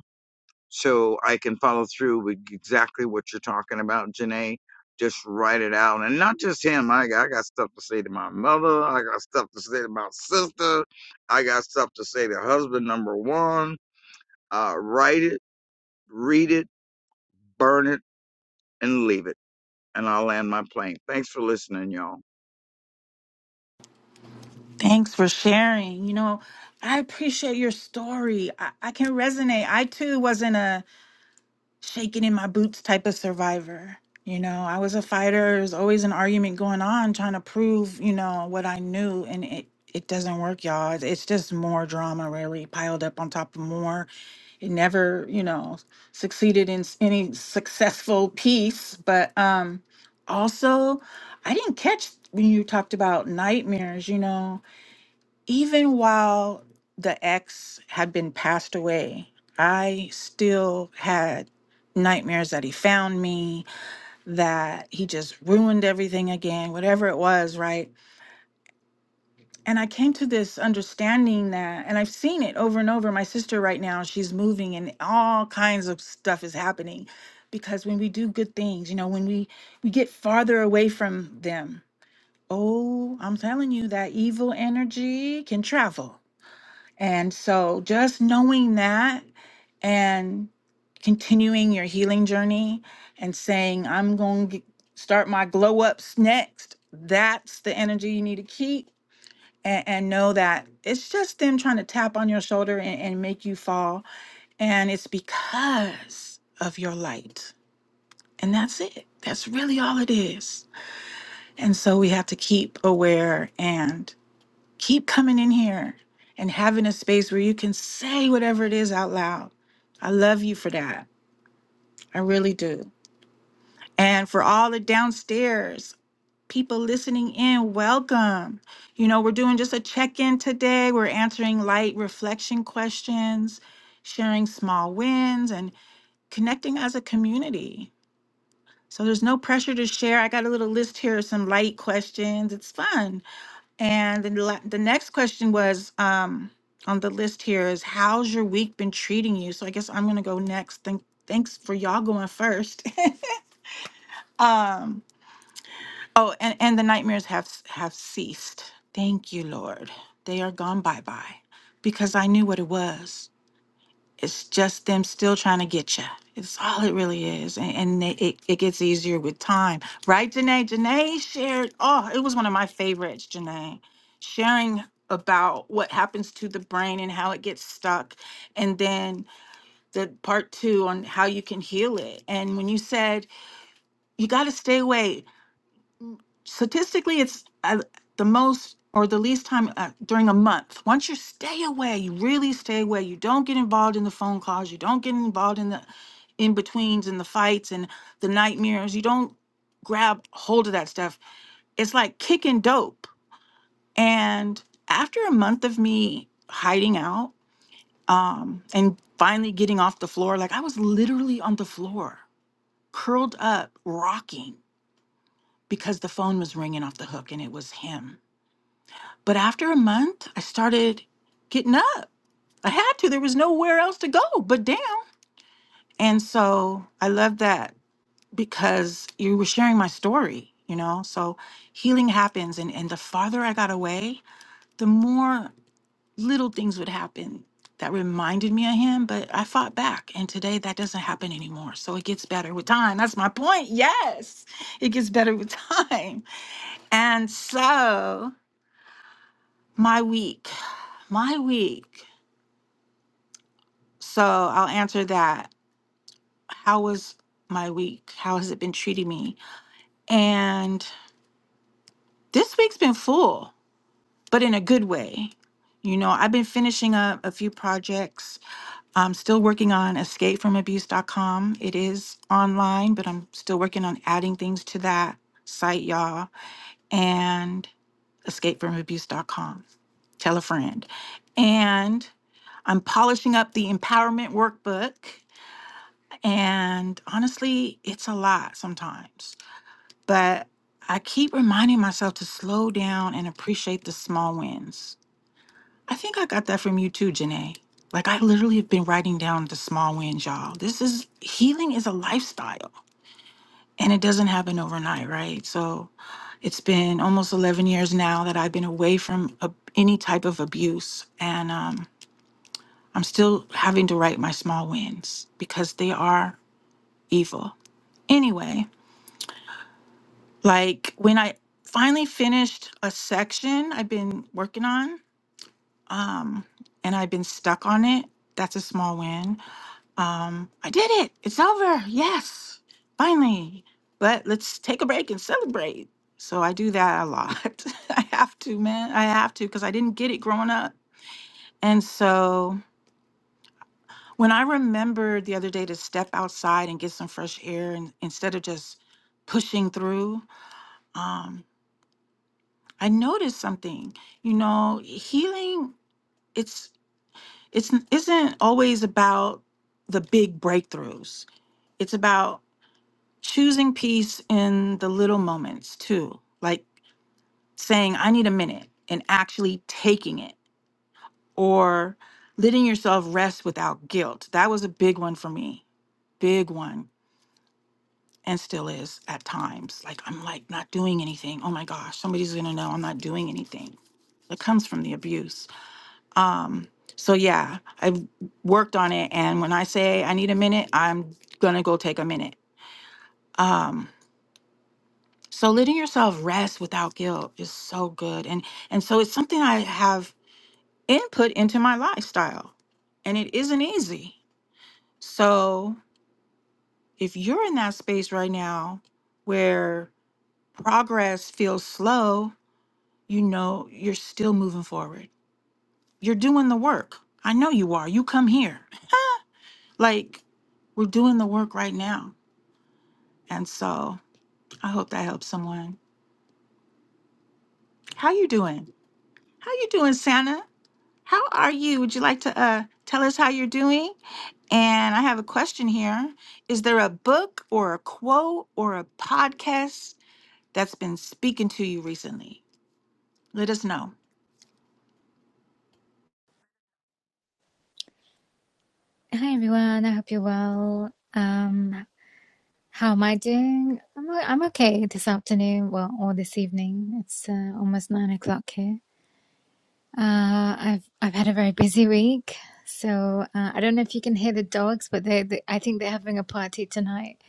Speaker 4: so I can follow through with exactly what you're talking about, Janae. Just write it out, and not just him. I got, I got stuff to say to my mother. I got stuff to say to my sister. I got stuff to say to husband number one. Uh, write it, read it, burn it, and leave it. And I'll land my plane. Thanks for listening, y'all.
Speaker 1: Thanks for sharing. You know, I appreciate your story. I, I can resonate. I too wasn't a shaking in my boots type of survivor. You know, I was a fighter. There's always an argument going on trying to prove, you know, what I knew. And it, it doesn't work, y'all. It's it's just more drama, really, piled up on top of more. It never, you know, succeeded in s- any successful piece. But um also, I didn't catch when you talked about nightmares, you know even while the ex had been passed away, I still had nightmares that he found me, that he just ruined everything again, whatever it was, right? And I came to this understanding that, and I've seen it over and over. My sister, right now, she's moving and all kinds of stuff is happening because when we do good things, you know, when we, we get farther away from them, oh, I'm telling you, that evil energy can travel and so just knowing that and continuing your healing journey and saying, I'm going to start my glow ups next, that's the energy you need to keep. And, and know that it's just them trying to tap on your shoulder and, and make you fall. And it's because of your light. And that's it. That's really all it is. And so we have to keep aware and. Keep coming in here and having a space where you can say whatever it is out loud. I love you for that. I really do. And for all the downstairs people listening in, welcome. You know, we're doing just a check in today. We're answering light reflection questions, sharing small wins, and connecting as a community. So there's no pressure to share. I got a little list here of some light questions. It's fun. And then the, la- the next question was um, on the list here is how's your week been treating you? So I guess I'm going to go next. Thank, thanks for y'all going first. um, oh, and, and the nightmares have s- have ceased. Thank you, Lord. They are gone bye bye because I knew what it was. It's just them still trying to get you. It's all it really is. And, and they, it, it gets easier with time. Right, Janae? Janae shared, oh, it was one of my favorites, Janae, sharing about what happens to the brain and how it gets stuck. And then the part two on how you can heal it. And when you said, you got to stay away statistically it's uh, the most or the least time uh, during a month once you stay away you really stay away you don't get involved in the phone calls you don't get involved in the in betweens and the fights and the nightmares you don't grab hold of that stuff it's like kicking dope and after a month of me hiding out um and finally getting off the floor like i was literally on the floor curled up rocking because the phone was ringing off the hook and it was him But after a month, I started getting up. I had to. There was nowhere else to go but down. And so I love that because you were sharing my story, you know? So healing happens. And, and the farther I got away, the more little things would happen that reminded me of him. But I fought back. And today that doesn't happen anymore. So it gets better with time. That's my point. Yes, it gets better with time. And so my week, my week. So I'll answer that. How was my week? How has it been treating me? And this week's been full, but in a good way. You know, I've been finishing up a few projects. I'm still working on escapefromabuse.com. It is online, but I'm still working on adding things to that site, y'all, and escapefromabuse.com. Tell a friend. And I'm polishing up the empowerment workbook And honestly, it's a lot sometimes. But I keep reminding myself to slow down and appreciate the small wins. I think I got that from you too, Janae. Like I literally have been writing down the small wins, y'all. This is healing is a lifestyle and it doesn't happen overnight, right? So it's been almost 11 years now that I've been away from a, any type of abuse and um I'm still having to write my small wins because they are evil. Anyway, Like when I finally finished a section I've been working on, um, and I've been stuck on it, that's a small win. Um, I did it. It's over. Yes, finally. But let's take a break and celebrate. So I do that a lot. I have to, man. I have to because I didn't get it growing up. And so when I remembered the other day to step outside and get some fresh air and instead of just pushing through, um, I noticed something. You know, healing it's it's isn't always about the big breakthroughs. It's about choosing peace in the little moments too. Like saying I need a minute and actually taking it or letting yourself rest without guilt. That was a big one for me. Big one and still is at times. Like I'm like not doing anything. Oh my gosh, somebody's going to know I'm not doing anything. It comes from the abuse Um, so yeah, I've worked on it, and when I say I need a minute, I'm gonna go take a minute. Um, so letting yourself rest without guilt is so good, and and so it's something I have input into my lifestyle, and it isn't easy. So if you're in that space right now where progress feels slow, you know you're still moving forward. You're doing the work. I know you are. You come here. Like we're doing the work right now. And so I hope that helps someone. How you doing? How you doing, Santa? How are you? Would you like to uh, tell us how you're doing? And I have a question here. Is there a book or a quote or a podcast that's been speaking to you recently? Let us know.
Speaker 5: Hi everyone, I hope you're well. Um, how am I doing? I'm o- I'm okay this afternoon, well, or this evening. It's uh, almost nine o'clock here. Uh, I've I've had a very busy week, so uh, I don't know if you can hear the dogs, but they, they I think they're having a party tonight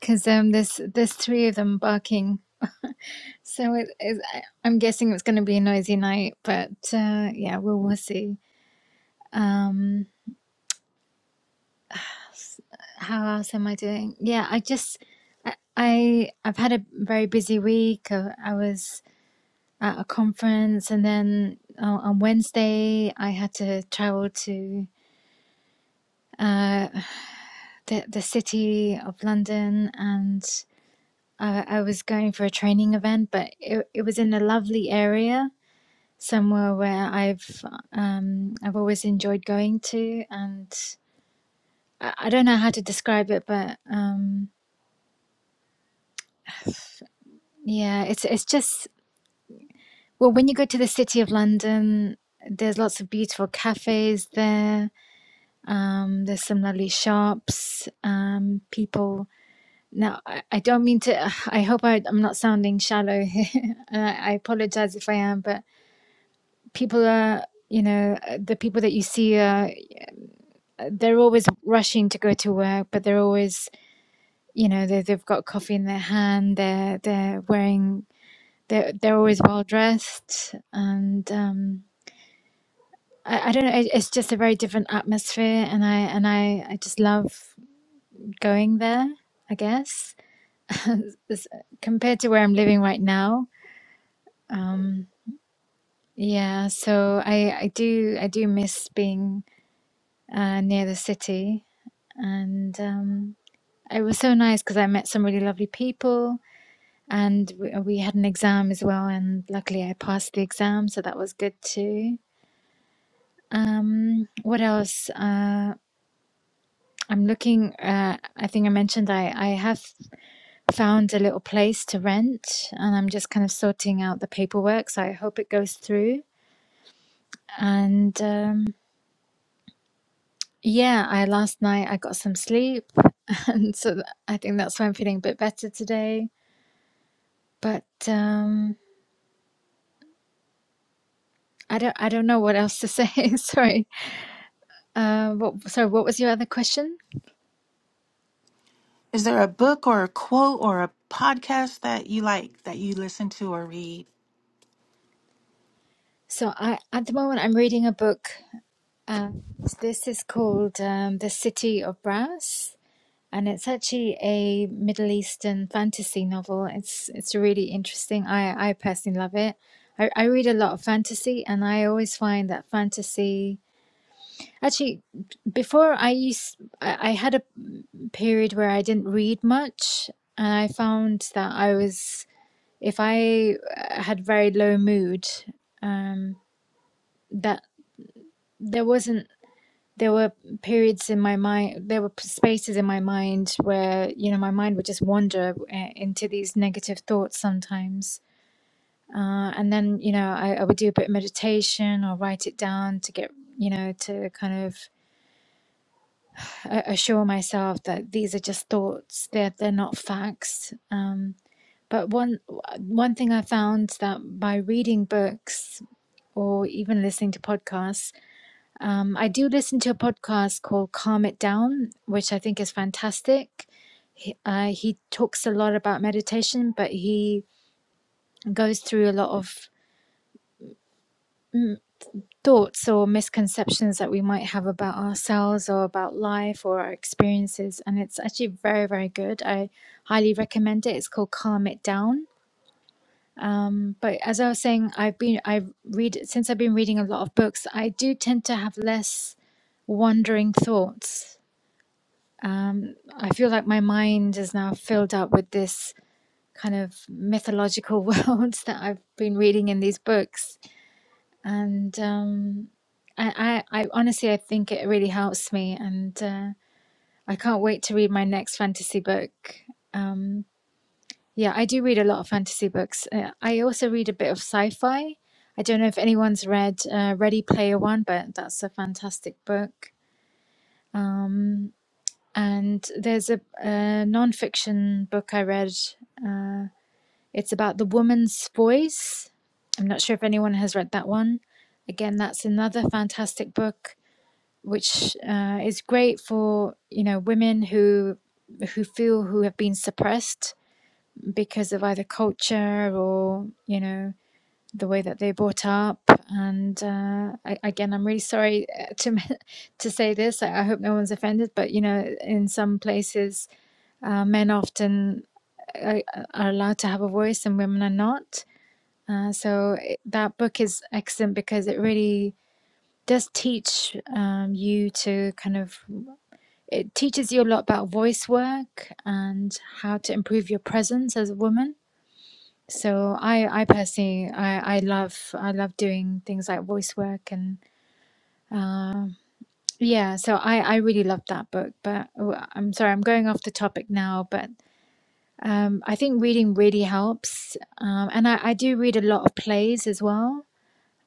Speaker 5: because um there's there's three of them barking. So it is. I- I'm guessing it's going to be a noisy night, but uh, yeah, we'll we'll see. Um, s- how else am I doing? Yeah, I just I, I I've had a very busy week. Uh, I was at a conference, and then on on Wednesday I had to travel to uh, the the city of London, and uh, I was going for a training event, but it it was in a lovely area, somewhere where I've um I've always enjoyed going to, and I, I don't know how to describe it, but um. Yeah, it's it's just Well, when you go to the city of London, there's lots of beautiful cafes there. Um, there's some lovely shops. Um, people. Now, I, I don't mean to. I hope I, I'm not sounding shallow here, and I, I apologize if I am. But people are, you know, uh, the people that you see are. They're always rushing to go to work, but they're always, you know, they, they've got coffee in their hand. They're they're wearing. They're they're always well dressed and. Um, I, I don't know. It, it's just a very different atmosphere, and I and I I just love going there. I guess As- compared to where I'm living right now. Um, yeah, so I I do I do miss being uh, near the city, and um, it was so nice because I met some really lovely people, and we, we had an exam as well, and luckily I passed the exam, so that was good too. Um, what else? Uh, I'm looking, uh, I think I mentioned I, I have found a little place to rent and I'm just kind of sorting out the paperwork. So I hope it goes through. And um, yeah, I last night I got some sleep. And so th- I think that's why I'm feeling a bit better today. But um, I don't, I don't know what else to say. Sorry. Uh, what, sorry, what was your other question?
Speaker 1: Is there a book or a quote or a podcast that you like that you listen to or read?
Speaker 5: So I, at the moment I'm reading a book. Uh, this is called um, The City of Brass and it's actually a Middle Eastern fantasy novel. It's it's really interesting. I I personally love it. I, I read a lot of fantasy, and I always find that fantasy. Actually, b- before I used, I, I had a period where I didn't read much, and I found that I was if I uh, had very low mood, um, that there wasn't there were periods in my mind there were spaces in my mind where you know my mind would just wander uh, into these negative thoughts sometimes uh, and then you know I, I would do a bit of meditation or write it down to get you know to kind of a- assure myself that these are just thoughts they're they're not facts um, but one one thing i found that by reading books or even listening to podcasts Um, I do listen to a podcast called Calm It Down, which I think is fantastic. He, uh, he talks a lot about meditation, but he goes through a lot of mm, thoughts or misconceptions that we might have about ourselves or about life or our experiences. And it's actually very, very good. I highly recommend it. It's called Calm It Down. Um, but as I was saying, I've been, I read, since I've been reading a lot of books, I do tend to have less wandering thoughts Um, I feel like my mind is now filled up with this kind of mythological worlds that I've been reading in these books, and um, I, I, I honestly I think it really helps me, and uh, I can't wait to read my next fantasy book. Um, yeah, I do read a lot of fantasy books. Uh, I also read a bit of sci-fi. I don't know if anyone's read uh, Ready Player One, but that's a fantastic book. Um, And there's a, a nonfiction book I read. Uh, it's about the woman's voice. I'm not sure if anyone has read that one. Again, that's another fantastic book, which uh, is great for you know women who who feel who have been suppressed because of either culture or you know the way that they're brought up. And uh, I, again, I'm really sorry uh, to to say this. I, I hope no one's offended, but you know, in some places uh, men often uh, are allowed to have a voice and women are not. Uh, so it, that book is excellent because it really does teach um, you to kind of it teaches you a lot about voice work and how to improve your presence as a woman. So I, I personally, I, I love, I love doing things like voice work and uh, yeah. So I, I really love that book. But oh, I'm sorry, I'm going off the topic now. But Um, I think reading really helps, um, and I, I do read a lot of plays as well.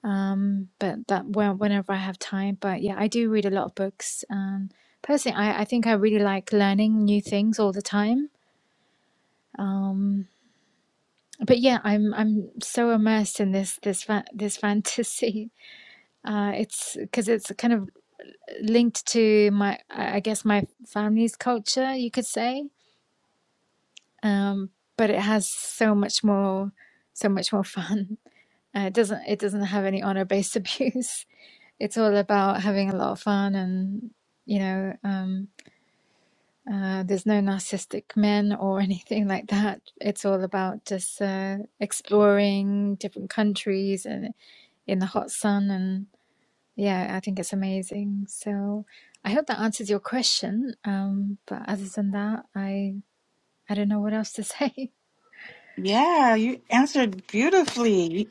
Speaker 5: Um, but that when, whenever I have time, but yeah, I do read a lot of books. Um, personally, I, I think I really like learning new things all the time. Um, but yeah, I'm I'm so immersed in this this fa this fantasy. Uh, it's because it's kind of linked to my I I guess my family's culture, you could say. Um, but it has so much more so much more fun. Uh, it doesn't it doesn't have any honor based abuse. It's all about having a lot of fun and you know um, uh, there's no narcissistic men or anything like that. It's all about just uh, exploring different countries and in the hot sun and yeah, I think it's amazing. So I hope that answers your question. Um, but other than that, I I don't know what else to say.
Speaker 1: Yeah, you answered beautifully.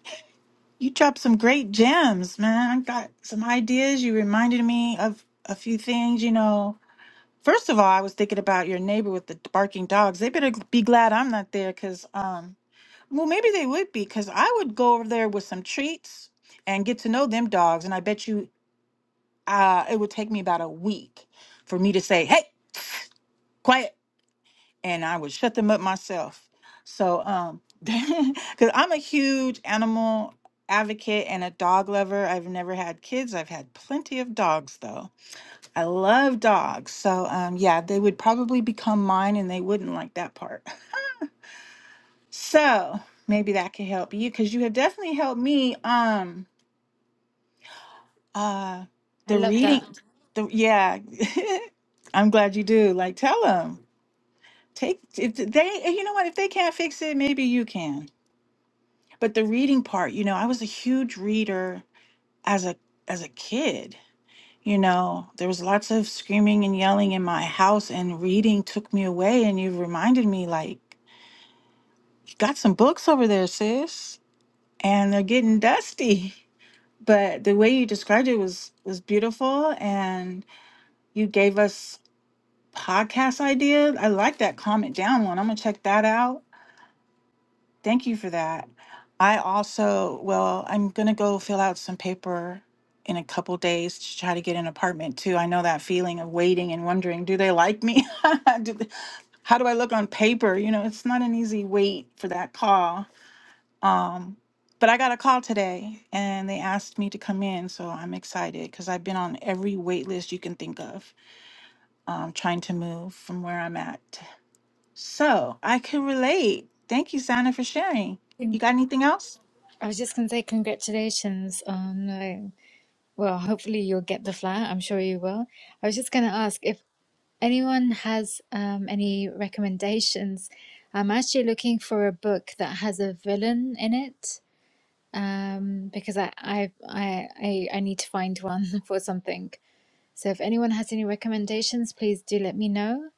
Speaker 1: You dropped some great gems, man. I got some ideas. You reminded me of a few things, you know. First of all, I was thinking about your neighbor with the barking dogs. They better be glad I'm not there cuz um well, maybe they would be cuz I would go over there with some treats and get to know them dogs and I bet you uh it would take me about a week for me to say, "Hey, quiet and I would shut them up myself. So, um, because I'm a huge animal advocate and a dog lover. I've never had kids. I've had plenty of dogs though. I love dogs. So, um, yeah, they would probably become mine and they wouldn't like that part. So maybe that could help you because you have definitely helped me. Um, uh,
Speaker 5: I
Speaker 1: the
Speaker 5: love that.
Speaker 1: reading, the yeah, I'm glad you do. Like, tell them. Take if they, you know what? If they can't fix it, maybe you can. but the reading part you know i was a huge reader as a as a kid you know there was lots of screaming and yelling in my house and reading took me away and you reminded me like you got some books over there sis and they're getting dusty but the way you described it was was beautiful and you gave us podcast idea i like that comment down one i'm gonna check that out Thank you for that. I also, well, I'm gonna go fill out some paper in a couple days to try to get an apartment too. I know that feeling of waiting and wondering, do they like me? Do they- How do I look on paper? You know, it's not an easy wait for that call. Um, but I got a call today and they asked me to come in, so I'm excited because I've been on every wait list you can think of, um, trying to move from where I'm at. So I can relate. Thank you, Santa, for sharing. You got
Speaker 5: I
Speaker 1: anything else?
Speaker 5: was just gonna say congratulations on uh, Well, hopefully you'll get the flat. I'm sure you will. I was just going to ask if anyone has um, any recommendations. I'm actually looking for a book that has a villain in it um, because I, I I I I need to find one for something. So if anyone has any recommendations, please do let me know.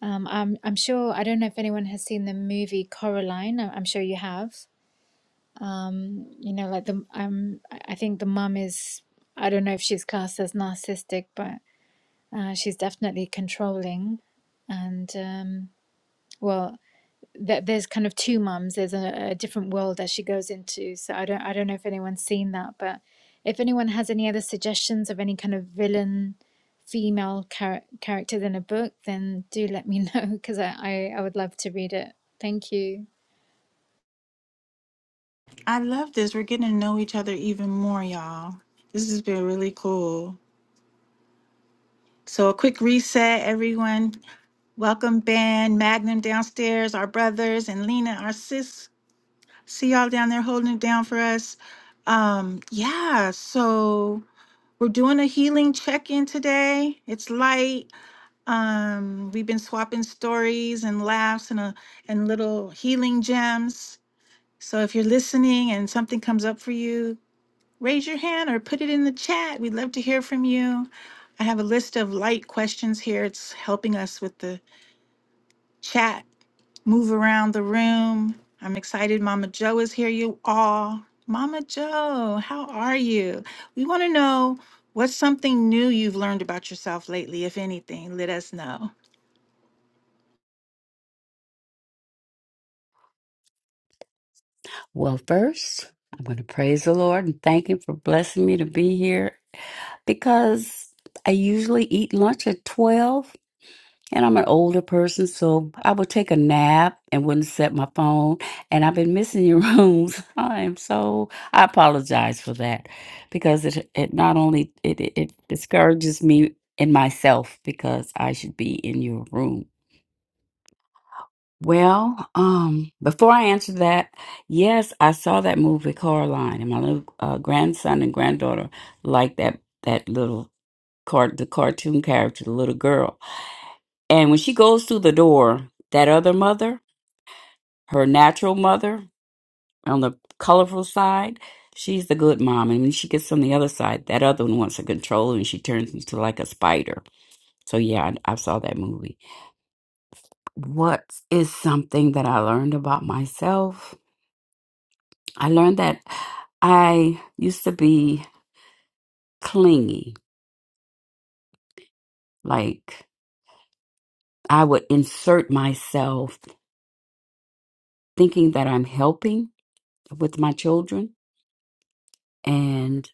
Speaker 5: Um, I'm I'm sure I don't know if anyone has seen the movie Coraline. I- I'm sure you have um you know like the um i I think the mum is i don't know if she's cast as narcissistic but uh, she's definitely controlling and um well th- there's kind of two mums there's a, a different world that she goes into so i don't i don't know if anyone's seen that but if anyone has any other suggestions of any kind of villain female char- characters in a book then do let me know because I, I i would love to read it thank you
Speaker 1: I love this. We're getting to know each other even more, y'all. This has been really cool. So, a quick reset, everyone. Welcome, Ben, Magnum downstairs, our brothers, and Lena, our sis. See y'all down there holding it down for us. Um, yeah, so we're doing a healing check in today. It's light. Um, we've been swapping stories and laughs and, a, and little healing gems. So, if you're listening and something comes up for you, raise your hand or put it in the chat. We'd love to hear from you. I have a list of light questions here. It's helping us with the chat, move around the room. I'm excited. Mama Joe is here, you all. Mama Joe, how are you? We want to know what's something new you've learned about yourself lately, if anything. Let us know.
Speaker 6: Well, first, I'm going to praise the Lord and thank Him for blessing me to be here because I usually eat lunch at 12 and I'm an older person, so I would take a nap and wouldn't set my phone. And I've been missing your rooms. I am so, I apologize for that because it, it not only, it, it, it discourages me in myself because I should be in your room. Well, um, before I answer that, yes, I saw that movie Coraline, and my little uh, grandson and granddaughter like that that little cart the cartoon character, the little girl. And when she goes through the door, that other mother, her natural mother on the colorful side, she's the good mom, and when she gets on the other side, that other one wants to control her, and she turns into like a spider. So yeah, I, I saw that movie. What is something that I learned about myself? I learned that I used to be clingy. Like I would insert myself thinking that I'm helping with my children. And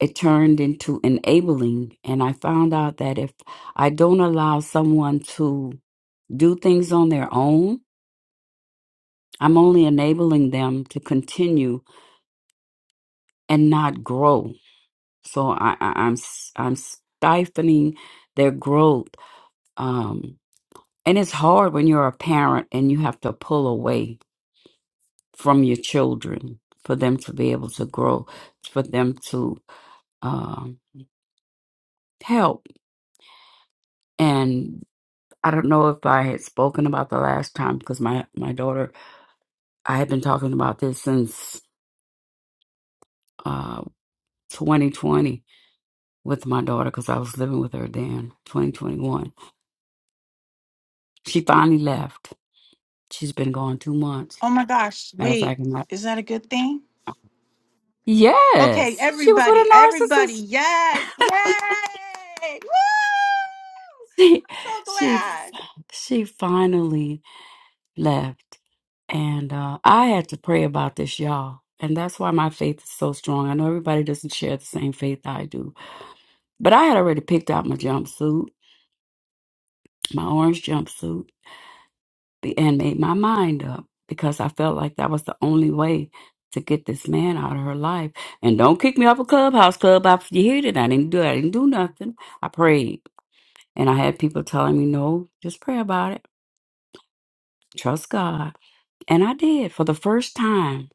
Speaker 6: it turned into enabling. And I found out that if I don't allow someone to do things on their own, I'm only enabling them to continue and not grow. So I, I, I'm s- I'm stifling their growth. Um, And it's hard when you're a parent and you have to pull away from your children for them to be able to grow, for them to um, help. And I don't know if I had spoken about the last time because my, my daughter, I had been talking about this since uh, 2020 with my daughter because I was living with her then, 2021. She finally left. She's been gone two months.
Speaker 1: Oh my gosh,
Speaker 6: Matter of fact,
Speaker 1: wait,
Speaker 6: I'm not.
Speaker 1: is that a good thing? Okay,
Speaker 6: Yes, she was with
Speaker 1: everybody,
Speaker 6: a
Speaker 1: everybody,
Speaker 6: narcissist
Speaker 1: yes, yay! Woo!
Speaker 6: she
Speaker 1: I'm so
Speaker 6: she
Speaker 1: glad.
Speaker 6: she finally left and uh i had to pray about this y'all and that's why my faith is so strong i know everybody doesn't share the same faith i do but i had already picked out my jumpsuit my orange jumpsuit be- and made my mind up because i felt like that was the only way to get this man out of her life and don't kick me off a clubhouse club after you hear that. i didn't do i didn't do nothing i prayed and i had people telling me no just pray about it trust god And I did for the first time.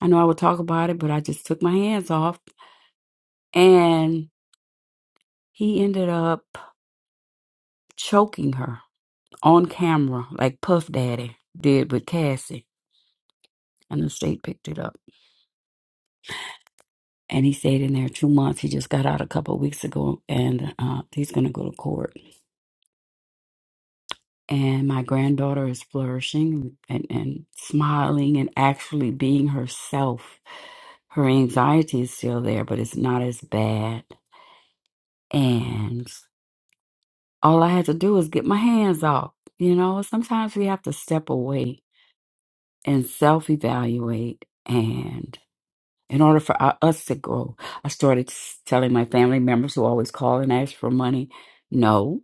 Speaker 6: I know I would talk about it, but I just took my hands off. And he ended up choking her on camera, like Puff Daddy did with Cassie. And the state picked it up. And he stayed in there two months. He just got out a couple of weeks ago and uh, he's going to go to court. And my granddaughter is flourishing and, and smiling and actually being herself. Her anxiety is still there, but it's not as bad. And all I had to do was get my hands off. You know, sometimes we have to step away and self evaluate. And in order for u- us to grow, I started s- telling my family members who always call and ask for money, no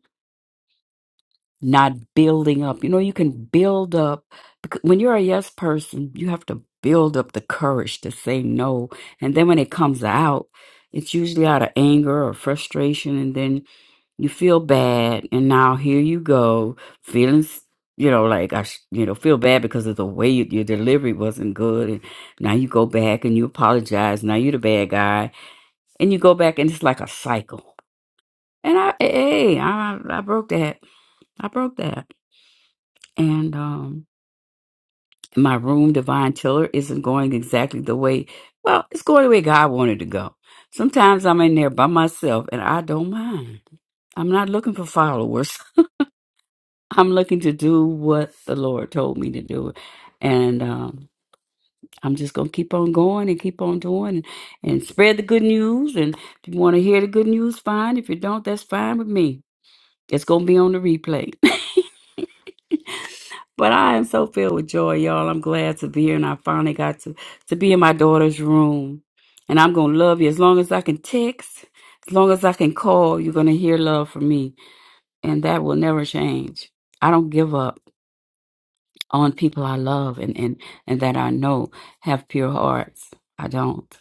Speaker 6: not building up. You know, you can build up because when you're a yes person, you have to build up the courage to say no. And then when it comes out, it's usually out of anger or frustration. And then you feel bad. And now here you go, feeling, s- you know, like I, sh- you know, feel bad because of the way you, your delivery wasn't good. And now you go back and you apologize. Now you're the bad guy. And you go back and it's like a cycle. And I, hey, I, I broke that. I broke that and um my room divine tiller isn't going exactly the way well it's going the way god wanted to go sometimes i'm in there by myself and i don't mind i'm not looking for followers i'm looking to do what the lord told me to do and um I'm just gonna keep on going and keep on doing and, and spread the good news. And if you want to hear the good news, fine. If you don't, that's fine with me. It's gonna be on the replay. But I am so filled with joy, y'all. I'm glad to be here, and I finally got to to be in my daughter's room. And I'm gonna love you as long as I can text, as long as I can call. You're gonna hear love from me, and that will never change. I don't give up on people I love and and and that I know have pure hearts. I don't,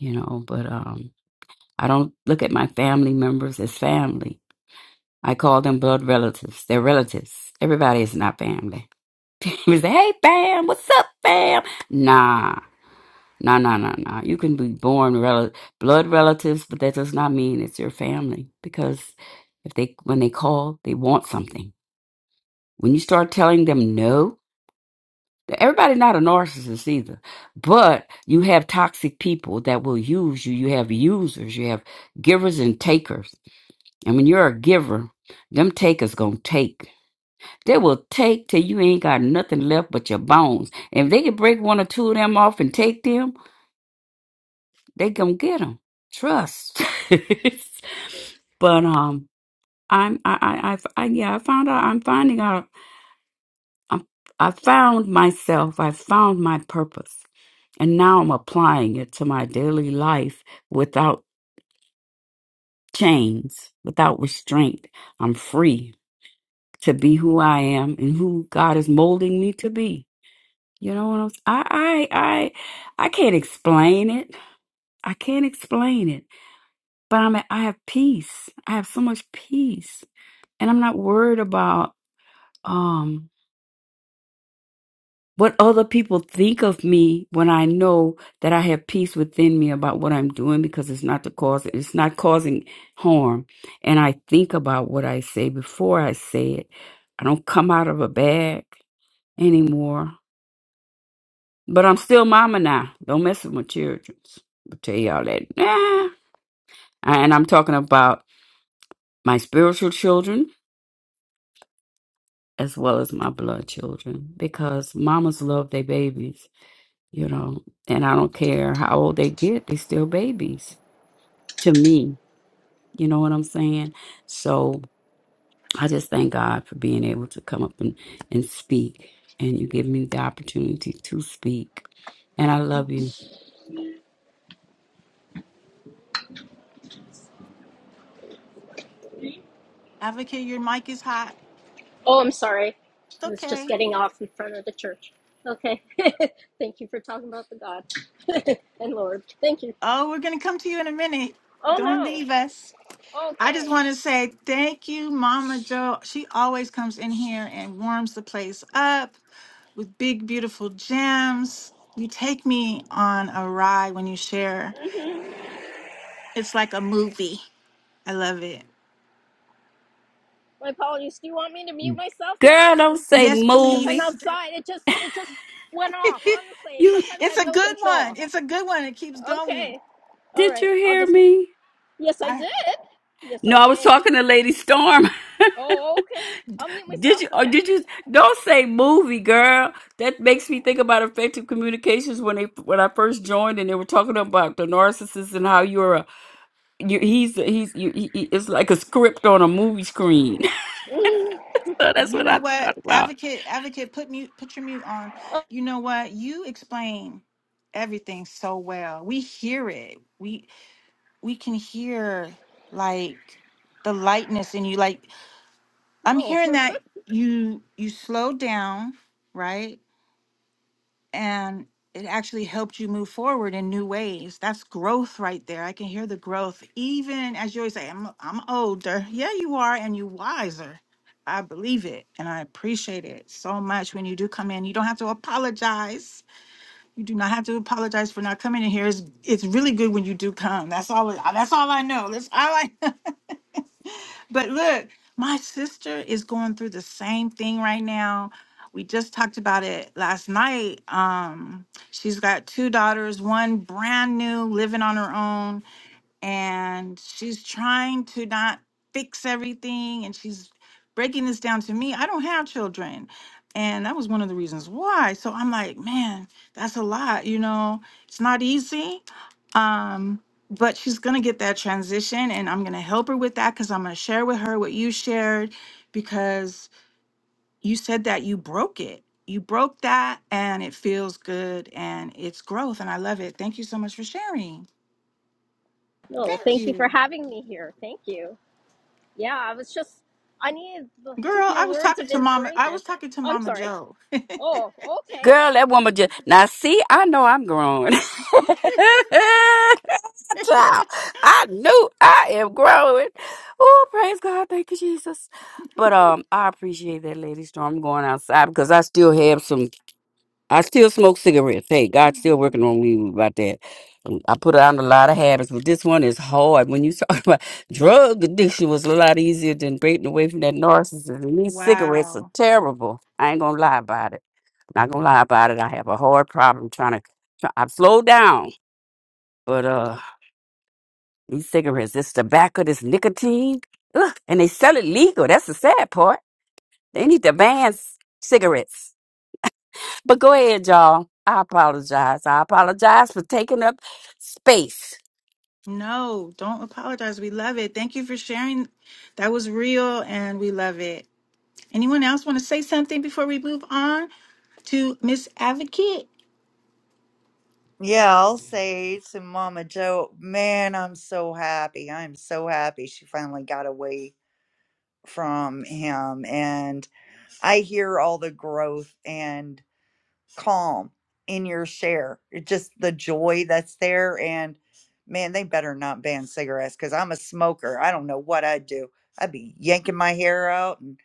Speaker 6: you know. But um, I don't look at my family members as family. I call them blood relatives. They're relatives. Everybody is not family We say, hey, fam, what's up, fam? Nah, nah, nah, nah, nah. You can be born rel- blood relatives, but that does not mean it's your family because if they when they call, they want something. When you start telling them no, everybody not a narcissist either, but you have toxic people that will use you. You have users, you have givers and takers, and when you're a giver, them takers gonna take. They will take till you ain't got nothing left but your bones. And if they can break one or two of them off and take them, they gonna get them. Trust. but um, I'm I I, I I yeah I found out I'm finding out I'm, I found myself. I found my purpose, and now I'm applying it to my daily life without chains, without restraint. I'm free to be who I am and who God is molding me to be. You know what I'm s- I I I I can't explain it. I can't explain it. But I'm at, I have peace. I have so much peace. And I'm not worried about um what other people think of me when I know that I have peace within me about what I'm doing because it's not the cause it's not causing harm. And I think about what I say before I say it. I don't come out of a bag anymore. But I'm still mama now. Don't mess with my children. I'll tell y'all that. Nah. And I'm talking about my spiritual children as well as my blood children because mamas love their babies, you know, and I don't care how old they get, they still babies to me. You know what I'm saying? So I just thank God for being able to come up and, and speak. And you give me the opportunity to speak. And I love you.
Speaker 1: Advocate, your mic is hot.
Speaker 7: Oh, I'm sorry.
Speaker 1: It's
Speaker 7: I was just
Speaker 1: okay.
Speaker 7: getting off in front of the church. Okay. Thank you for talking about the God and Lord. Thank you.
Speaker 1: Oh, we're going to come to you in a minute.
Speaker 7: Oh,
Speaker 1: Don't
Speaker 7: no.
Speaker 1: leave us. I just
Speaker 7: Okay.
Speaker 1: want to say thank you, Mama Jo. She always comes in here and warms the place up with big, beautiful gems. You take me on a ride when you share.
Speaker 7: hmm
Speaker 1: It's like a movie. I love it.
Speaker 7: My apologies. Do you want me to mute myself now?
Speaker 6: Girl, don't say
Speaker 1: Yes,
Speaker 7: Because I'm
Speaker 6: movie.
Speaker 1: please.
Speaker 7: outside. It just, it just went off. Honestly,
Speaker 6: You.
Speaker 7: sometimes I
Speaker 1: it's
Speaker 7: have
Speaker 1: a
Speaker 7: no
Speaker 1: good
Speaker 7: control.
Speaker 1: one. It's a good one. It keeps
Speaker 7: Okay.
Speaker 1: going.
Speaker 7: All
Speaker 6: Did
Speaker 7: right.
Speaker 6: you
Speaker 7: I'll
Speaker 6: hear
Speaker 7: just,
Speaker 6: me?
Speaker 7: yes, I
Speaker 1: I.
Speaker 7: did. Yes,
Speaker 6: No,
Speaker 7: I
Speaker 6: I was
Speaker 7: did.
Speaker 6: talking to Lady Storm.
Speaker 7: Oh, okay. I'll mute
Speaker 6: did
Speaker 7: myself.
Speaker 6: you? Or
Speaker 7: Okay.
Speaker 6: did you? Don't say movie, girl. That makes me think about effective communications when they when I first joined and they were talking about the narcissist and how you're a you, he's he's you, he, he- it's like a script on a movie screen.
Speaker 7: Mhm.
Speaker 6: so that's
Speaker 1: You
Speaker 6: what
Speaker 1: know
Speaker 6: I
Speaker 1: what,
Speaker 6: thought about.
Speaker 1: advocate, advocate, put mute, put your mute on. You know what? You explain everything so well. We hear it. We we can hear like the lightness in you. Like I'm
Speaker 7: Oh,
Speaker 1: hearing that you you slow down, right? and it actually helped you move forward in new ways. That's growth right there. I can hear the growth. Even as you always say, I'm I'm older. Yeah, you are, and you wiser. I believe it and I appreciate it so much when you do come in. You don't have to apologize. You do not have to apologize for not coming in here. It's, it's really good when you do come. That's all I- that's all I know. That's all I know. But look, my sister is going through the same thing right now. We just talked about it last night. Um, she's got two daughters, one brand new, living on her own and she's trying to not fix everything and she's breaking this down to me i don't have children and that was one of the reasons why so i'm like man that's a lot you know it's not easy um but she's gonna get that transition and i'm gonna help her with that because i'm gonna share with her what you shared because you said that you broke it you broke that and it feels good and it's growth and i love it thank you so much for sharing
Speaker 7: no.
Speaker 1: thank
Speaker 7: Thank you for
Speaker 1: you
Speaker 7: having me here. Thank you. Yeah, I was just, I needed to
Speaker 1: Girl,
Speaker 7: hear
Speaker 1: I was
Speaker 7: words
Speaker 1: talking
Speaker 7: of
Speaker 1: to Mama. I
Speaker 7: inspiration.
Speaker 1: was talking to
Speaker 7: I'm
Speaker 1: Mama
Speaker 7: sorry.
Speaker 1: Joe.
Speaker 7: Oh, okay.
Speaker 6: Girl, that woman just now see, I know I'm grown. Child, I knew I am growing. Oh, praise God, thank you, Jesus. But um, I appreciate that lady storm I'm going outside because I still have some I still smoke cigarettes. Hey, God's still working on me about that. Um, I put on a lot of habits, but this one is hard. When you talk about drug addiction was a lot easier than breaking away from that narcissism. And These cigarettes are
Speaker 1: wow.
Speaker 6: terrible. I ain't gonna lie about it. Not gonna lie about it. I have a hard problem trying to. Try, I've slowed down, but uh, these cigarettes, this tobacco, this nicotine, ugh, and they sell it legal. That's the sad part. They need to ban c- cigarettes. But go ahead, y'all. I apologize. I apologize for taking up space.
Speaker 1: No, don't apologize. We love it. Thank you for sharing. That was real and we love it. Anyone else want to say something before we move on to Miss Advocate?
Speaker 3: Yeah, I'll say to Mama Joe, man, I'm so happy. I'm so happy she finally got away from him. And I hear all the growth and calm in your share. It's just the joy that's there. And man, they better not ban cigarettes because I'm a smoker. I don't know what I'd do. I'd be yanking my hair out and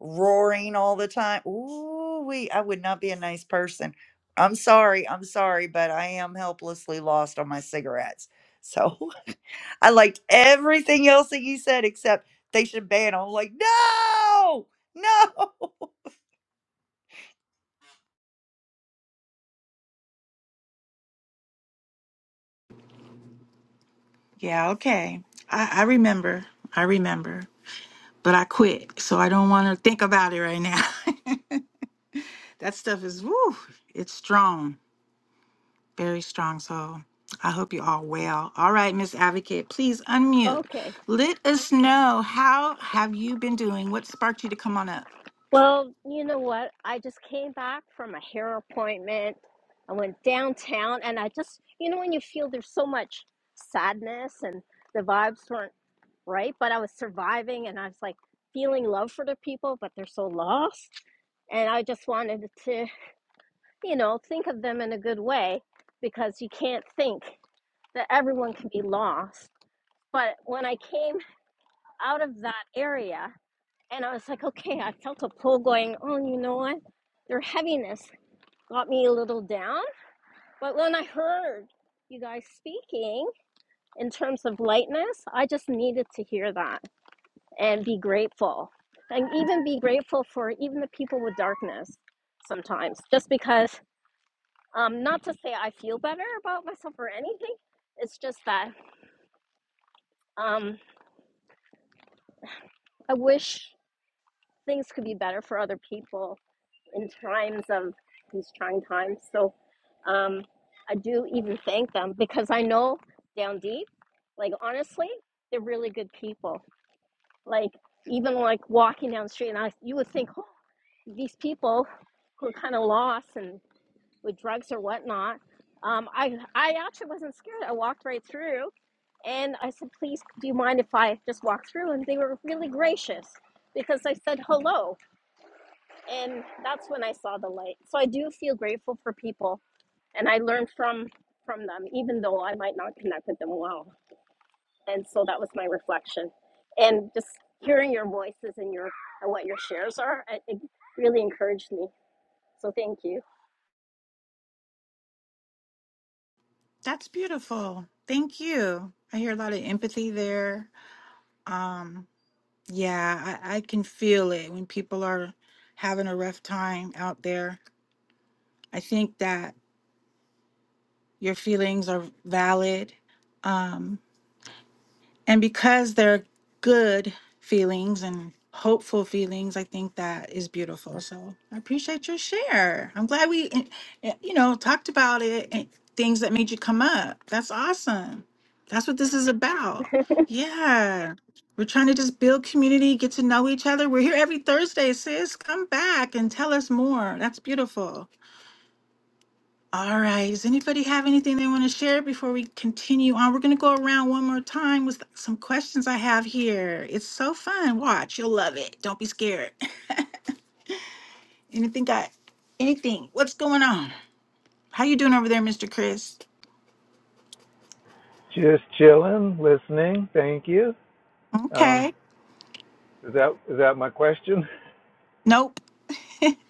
Speaker 3: roaring all the time. Ooh, we. I would not be a nice person. I'm sorry. I'm sorry, but I am helplessly lost on my cigarettes. So I liked everything else that you said except they should ban 'em. I'm like, no, no.
Speaker 1: Yeah, okay. I, I remember. I remember. But I quit. So I don't want to think about it right now. that stuff is woo, it's strong. Very strong soul. I hope you all well. All right, Miss Advocate, please unmute.
Speaker 7: Okay.
Speaker 1: Let us know how have you been doing? What sparked you to come on up?
Speaker 7: Well, you know what? I just came back from a hair appointment. I went downtown and I just, you know, when you feel there's so much sadness and the vibes weren't right, but I was surviving and I was like feeling love for the people, but they're so lost. And I just wanted to, you know, think of them in a good way because you can't think that everyone can be lost But when I came out of that area, and I was like, okay, I felt a pull going, oh, you know what? Their heaviness got me a little down. But when I heard you guys speaking in terms of lightness, I just needed to hear that and be grateful. And even be grateful for even the people with darkness sometimes, just because, um, not to say I feel better about myself or anything, it's just that um, I wish things could be better for other people in times of these trying times. So um, I do even thank them because I know down deep, like honestly, they're really good people. Like even like walking down the street, and I you would think, oh, these people who are kind of lost and with drugs or whatnot. Um, I I actually wasn't scared. I walked right through, and I said, please, do you mind if I just walk through? And they were really gracious because I said hello and that's when i saw the light so i do feel grateful for people and i learn from from them even though i might not connect with them well and so that was my reflection and just hearing your voices and your and what your shares are it, it really encouraged me so thank you
Speaker 1: That's beautiful. Thank you. I hear a lot of empathy there. Um, yeah, I, I can feel it when people are having a rough time out there. I think that your feelings are valid. Um, And because they're good feelings and hopeful feelings, I think that is beautiful. So I appreciate your share. I'm glad we, eh, eh, you know, talked about it and things that made you come up. That's awesome. That's what this is about. Yeah. We're trying to just build community, get to know each other. We're here every Thursday, sis. Come back and tell us more. That's beautiful. All right. Does anybody have anything they want to share before we continue on? We're going to go around one more time with some questions I have here. It's so fun. Watch, you'll love it. Don't be scared. Anything got anything? What's going on? How you doing over there, Mr. Chris?
Speaker 2: Just chilling, listening. Thank you. Um,
Speaker 1: Okay.
Speaker 2: is that is that my question?
Speaker 1: Nope.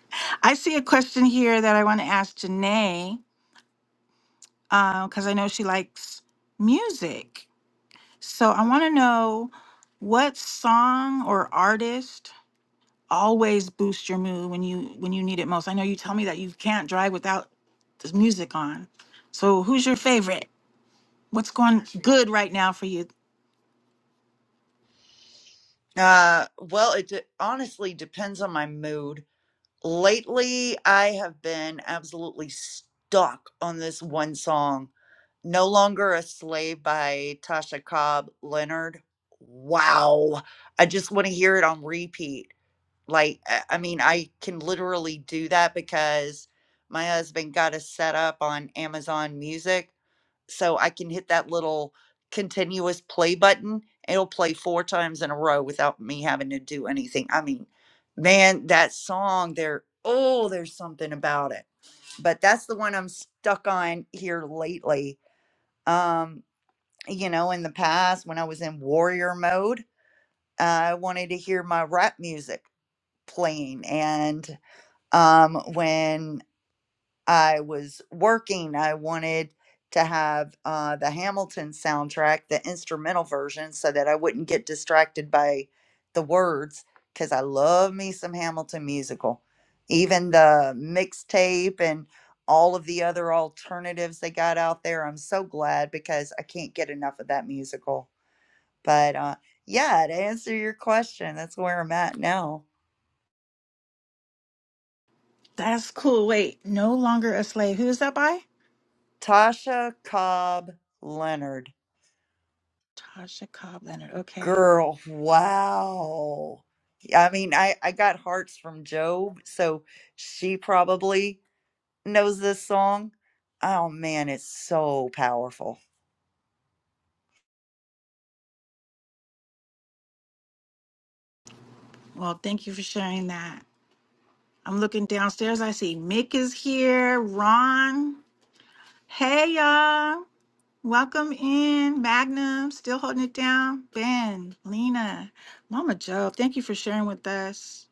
Speaker 1: I see a question here that I want to ask Janae because I know she likes music. So I want to know what song or artist always boost your mood when you when you need it most. I know you tell me that you can't drive without this music on. So who's your favorite? What's going good right now for you?
Speaker 3: Uh, well, it de- honestly depends on my mood Lately, I have been absolutely stuck on this one song, No Longer a Slave by Tasha Cobb Leonard. Wow. I just want to hear it on repeat. Like, I I mean, I can literally do that because my husband got us set up on Amazon Music so I can hit that little continuous play button. It'll play four times in a row without me having to do anything. I mean, man, that song there, oh, there's something about it. But that's the one I'm stuck on here lately. Um, you know, in the past when I was in warrior mode, I wanted to hear my rap music playing and um when I was working. I wanted to have uh, the Hamilton soundtrack, the instrumental version, so that I wouldn't get distracted by the words because I love me some Hamilton musical. Even the mixtape and all of the other alternatives they got out there. I'm so glad because I can't get enough of that musical. But uh, yeah, to answer your question, that's where I'm at now.
Speaker 1: That's cool. Wait, no longer a slave. Who is that by?
Speaker 3: Tasha Cobb Leonard.
Speaker 1: Tasha Cobb Leonard. Okay.
Speaker 3: Girl, wow. Yeah, I mean, I I got hearts from Job, so she probably knows this song. Oh man, it's so powerful.
Speaker 1: Well, thank you for sharing that. I'm looking downstairs. I see Mick is here. Ron. Hey y'all. Welcome in. Magnum. Still holding it down. Ben. Lena. Mama Joe. Thank you for sharing with us.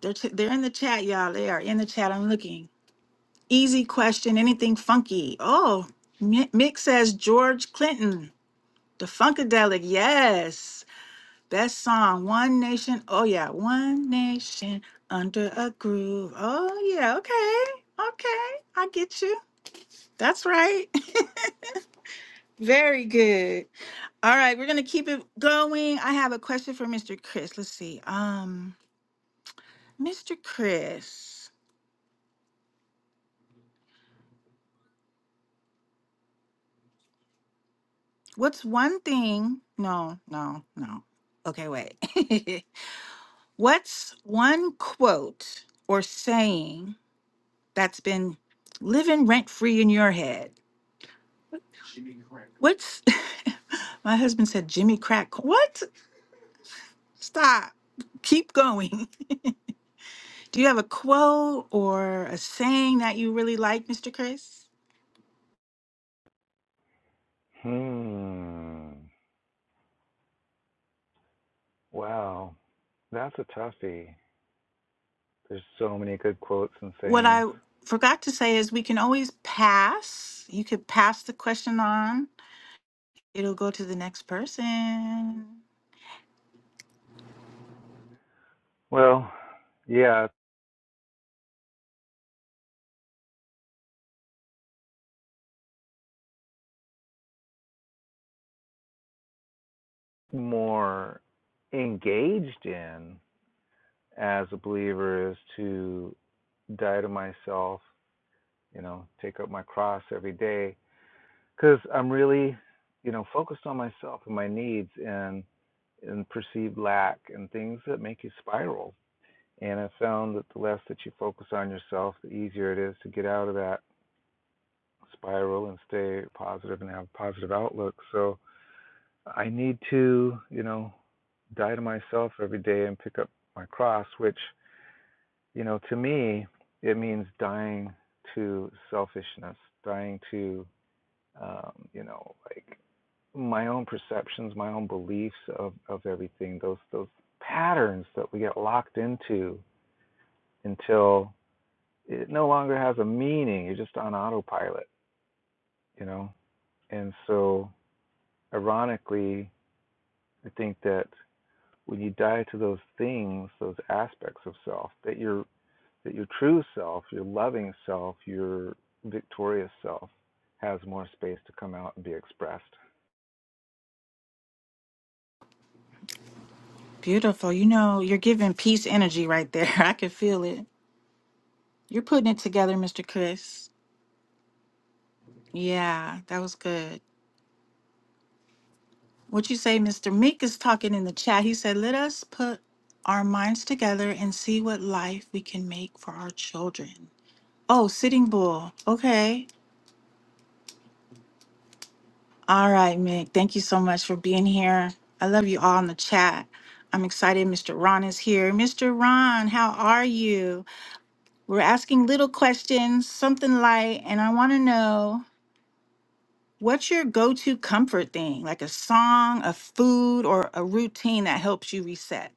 Speaker 1: They're, ch- they're in the chat, y'all. They are in the chat. I'm looking. Easy question. Anything funky? Oh, Mi- Mick says George Clinton, the Funkadelic. Yes. Best song, One Nation. Oh, yeah. One Nation under a groove. Oh, yeah. Okay. Okay. I get you. That's right. Very good. All right. We're going to keep it going. I have a question for Mr. Chris. Let's see. Um, Mr. Chris. What's one thing? No, no, no. Okay, wait. What's one quote or saying that's been living rent free in your head? What's my husband said, Jimmy Crack. What? Stop. Keep going. Do you have a quote or a saying that you really like, Mr. Chris?
Speaker 2: Wow. That
Speaker 1: What I forgot to say is we can always pass. You could pass the question on It'll go to the next person.
Speaker 2: well, yeah, more engaged in as a believer is to die to myself, you know, take up my cross every day because I'm really, you know, focused on myself and my needs and and perceived lack and things that make you spiral. And I found that the less that you focus on yourself, the easier it is to get out of that spiral and stay positive and have a positive outlook. So I need to, you know, die to myself every day and pick up my cross, which You know, to me, it means dying to selfishness, dying to, um, you know, like my own perceptions, my own beliefs of, of everything, those, those patterns that we get locked into until it no longer has a meaning. You're just on autopilot, you know? And so, ironically, I think that when you die to those things, those aspects of self, that you're that your true self, your loving self, your victorious self has more space to come out and be expressed.
Speaker 1: Beautiful. You know, you're giving peace energy right there. I can feel it. You're putting it together, Mr. Chris. Yeah, that was good. What you say, Mr. Meek is talking in the chat. He said, Let us put our minds together and see what life we can make for our children. Oh, Sitting Bull. Okay. All right, Mick. Thank you so much for being here. I love you all in the chat. I'm excited. Mr. Ron is here. Mr. Ron, how are you? We're asking little questions, something light, and I want to know what's your go to comfort thing, like a song, a food, or a routine that helps you reset?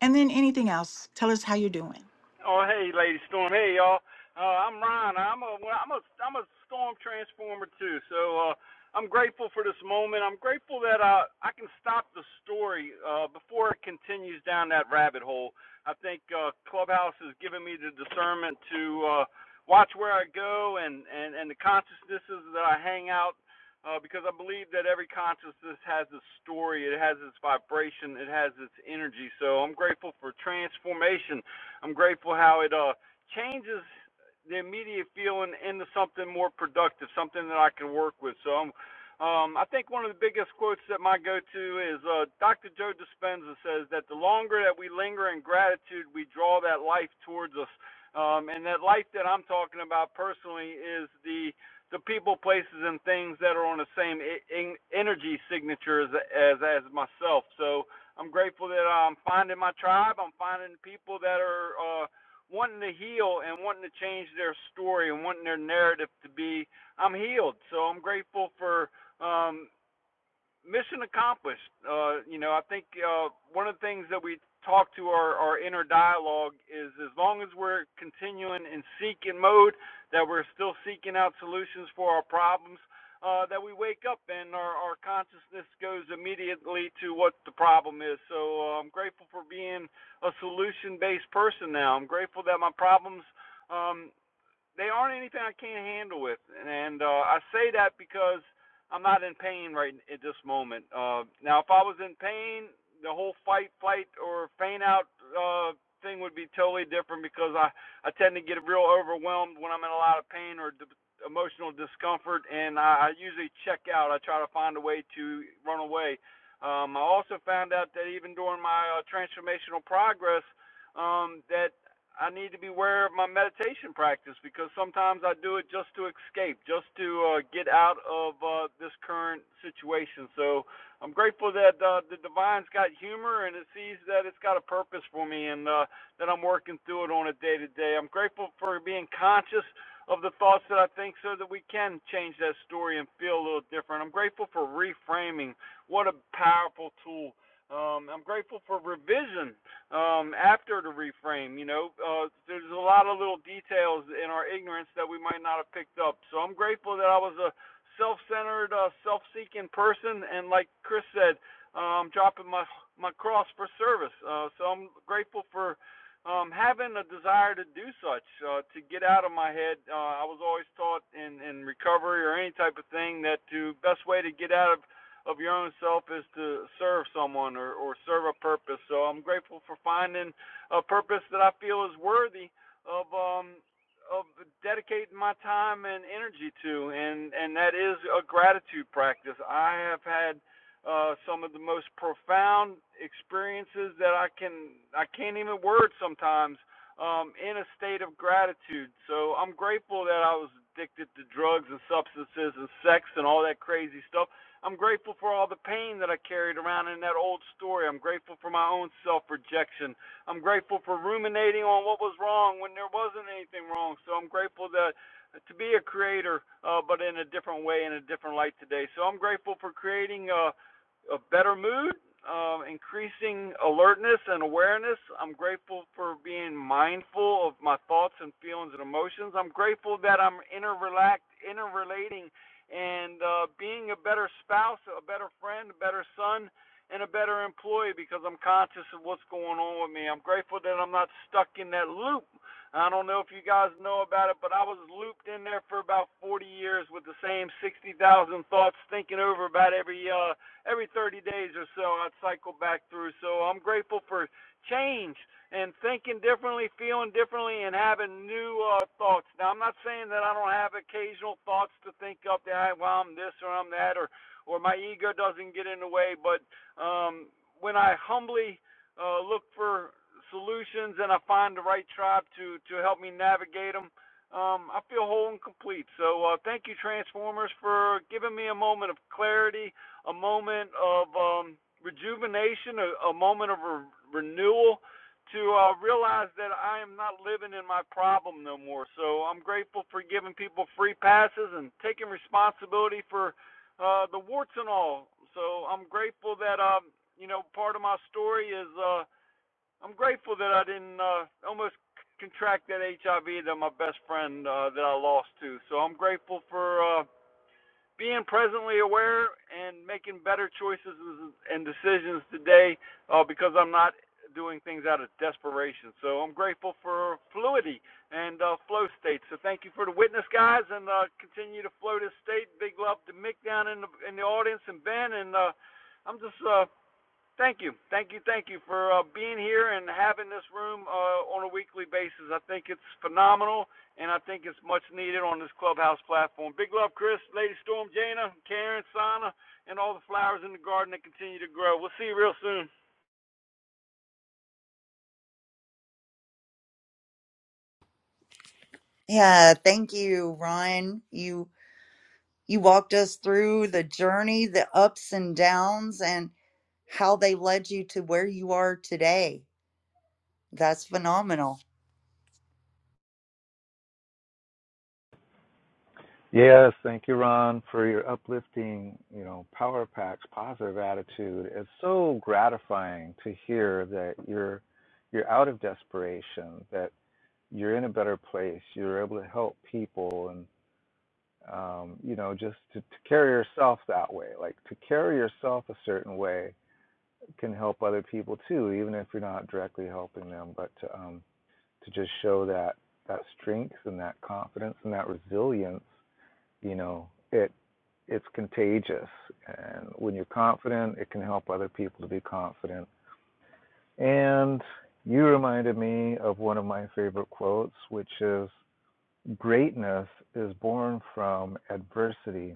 Speaker 1: And then anything else. Tell us how you're doing.
Speaker 8: Oh, hey, Lady Storm. Hey, y'all. Uh, I'm Ryan. I'm a, well, I'm a, I'm a storm transformer too. So uh, I'm grateful for this moment. I'm grateful that uh, I can stop the story uh, before it continues down that rabbit hole. I think uh, Clubhouse has given me the discernment to uh, watch where I go and, and, and the consciousnesses that I hang out. Uh, because I believe that every consciousness has its story, it has its vibration, it has its energy. So I'm grateful for transformation I'm grateful how it uh changes the immediate feeling into something more productive, something that I can work with. So I'm um, I think one of the biggest quotes that my go-to is uh, Dr. Joe Dispenza says that the longer that we linger in gratitude, we draw that life towards us. Um, and that life that I'm talking about personally is the the people, places, and things that are on the same e- energy signature as, as as myself. So I'm grateful that I'm finding my tribe. I'm finding people that are uh, wanting to heal and wanting to change their story and wanting their narrative to be I'm healed. So I'm grateful for um, mission accomplished. Uh, you know, I think uh, one of the things that we talk to our, our inner dialogue is as long as we're continuing in seeking mode, that we're still seeking out solutions for our problems, uh, that we wake up and our, our consciousness goes immediately to what the problem is. So uh, I'm grateful for being a solution based person now. I'm grateful that my problems. Um, they aren't anything I can't handle with, and uh, I say that because I'm not in pain right at this moment. Uh, now, if I was in pain, the whole fight, flight, or faint out uh, thing would be totally different because I I tend to get real overwhelmed when I'm in a lot of pain or d- emotional discomfort, and I, I usually check out. I try to find a way to run away. Um, I also found out that even during my uh, transformational progress, um, that I need to be aware of my meditation practice because sometimes I do it just to escape, just to uh, get out of uh, this current situation. So I'm grateful that uh, the divine's got humor and it sees that it's got a purpose for me and uh, that I'm working through it on a day to day. I'm grateful for being conscious of the thoughts that I think so that we can change that story and feel a little different. I'm grateful for reframing. What a powerful tool. Um, I'm grateful for revision um, after the reframe. You know, uh, there's a lot of little details in our ignorance that we might not have picked up. So I'm grateful that I was a self-centered, uh, self-seeking person, and like Chris said, um, dropping my my cross for service. Uh, so I'm grateful for um, having a desire to do such, uh, to get out of my head. Uh, I was always taught in, in recovery or any type of thing that the best way to get out of of your own self is to serve someone or, or serve a purpose. So I'm grateful for finding a purpose that I feel is worthy of um of dedicating my time and energy to and and that is a gratitude practice. I have had uh, some of the most profound experiences that I can I can't even word sometimes um, in a state of gratitude. So I'm grateful that I was addicted to drugs and substances and sex and all that crazy stuff I'm grateful for all the pain that I carried around in that old story. I'm grateful for my own self rejection. I'm grateful for ruminating on what was wrong when there wasn't anything wrong. So I'm grateful that to be a creator, uh, but in a different way, in a different light today. So I'm grateful for creating a, a better mood, uh, increasing alertness and awareness. I'm grateful for being mindful of my thoughts and feelings and emotions. I'm grateful that I'm interrelating and uh, being a better spouse, a better friend, a better son, and a better employee because I'm conscious of what's going on with me. I'm grateful that I'm not stuck in that loop. I don't know if you guys know about it, but I was looped in there for about 40 years with the same 60,000 thoughts, thinking over about every uh, every 30 days or so. I'd cycle back through. So I'm grateful for change and thinking differently, feeling differently, and having new uh, thoughts. Now, I'm not saying that I don't have occasional thoughts to think of that, well, I'm this or I'm that, or or my ego doesn't get in the way. But um, when I humbly uh, look for solutions and I find the right tribe to to help me navigate them, um, I feel whole and complete. So uh, thank you, Transformers, for giving me a moment of clarity, a moment of um, rejuvenation, a, a moment of re- renewal to uh, realize that I am not living in my problem no more. So I'm grateful for giving people free passes and taking responsibility for uh, the warts and all. So I'm grateful that um, you know part of my story is uh, I'm grateful that I didn't uh, almost contract that HIV that my best friend uh, that I lost to. So I'm grateful for. uh, being presently aware and making better choices and decisions today uh, because I'm not doing things out of desperation. So I'm grateful for fluidity and uh, flow state. So thank you for the witness, guys, and uh, continue to flow this state. Big love to Mick down in the in the audience and Ben, and uh, I'm just uh, Thank you, thank you, thank you for uh, being here and having this room uh, on a weekly basis. I think it's phenomenal, and I think it's much needed on this clubhouse platform. Big love, Chris, Lady Storm, Jana, Karen, Sana, and all the flowers in the garden that continue to grow. We'll see you real soon.
Speaker 3: Yeah, thank you, Ryan. You you walked us through the journey, the ups and downs and how they led you to where you are today. That's phenomenal.
Speaker 2: Yes, thank you, Ron, for your uplifting, you know, power packs, positive attitude. It's so gratifying to hear that you're you're out of desperation, that you're in a better place, you're able to help people, and um, you know, just to, to carry yourself that way, like to carry yourself a certain way can help other people too, even if you're not directly helping them, but to, um, to just show that, that strength and that confidence and that resilience, you know, it, it's contagious. And when you're confident, it can help other people to be confident. And you reminded me of one of my favorite quotes, which is greatness is born from adversity.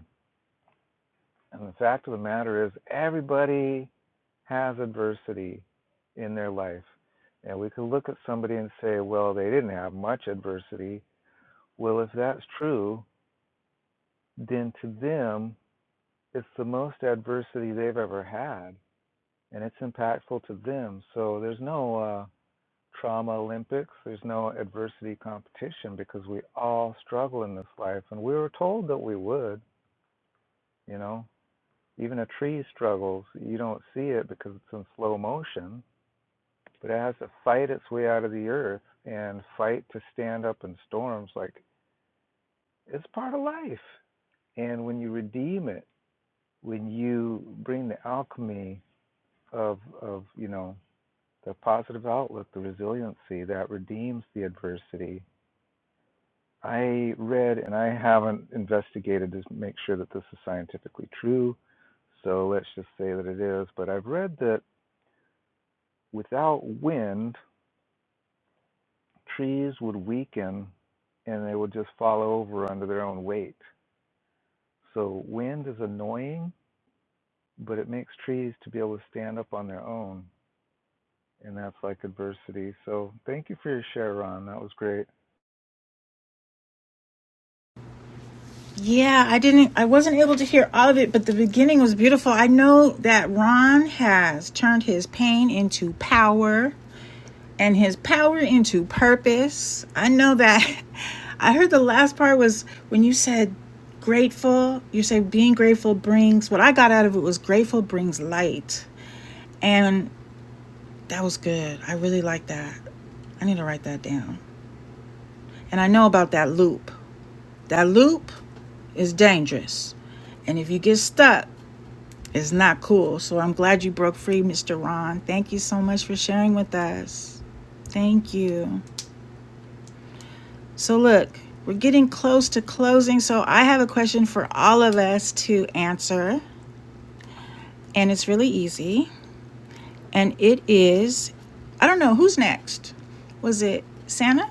Speaker 2: And the fact of the matter is, everybody has adversity in their life. And we could look at somebody and say, well, they didn't have much adversity. Well, if that's true, then to them, it's the most adversity they've ever had, and it's impactful to them. So there's no uh, trauma Olympics, there's no adversity competition because we all struggle in this life. And we were told that we would, you know. Even a tree struggles. You don't see it because it's in slow motion but it has to fight its way out of the earth and fight to stand up in storms. Like it's part of life. And when you redeem it, when you bring the alchemy of of you know the positive outlook, the resiliency that redeems the adversity. I read, and I haven't investigated to make sure that this is scientifically true, so let's just say that it is. But I've read that without wind trees would weaken and they would just fall over under their own weight. So wind is annoying, but it makes trees to be able to stand up on their own, and that's like adversity. So thank you for your share, Ron. That was great.
Speaker 1: Yeah, I didn't, I wasn't able to hear all of it, but the beginning was beautiful. I know that Ron has turned his pain into power. and his power into purpose. I know that. I heard the last part was when you said grateful, you said being grateful brings what I got out of it was grateful brings light. And that was good. I really like that. I need to write that down. And I know about that loop. That loop is dangerous. And if you get stuck, it's not cool. So I'm glad you broke free, Mr. Ron. Thank you so much for sharing with us. Thank you. So, look, we're getting close to closing. So, I have a question for all of us to answer, and it's really easy. And it is I don't know who's next. Was it Santa?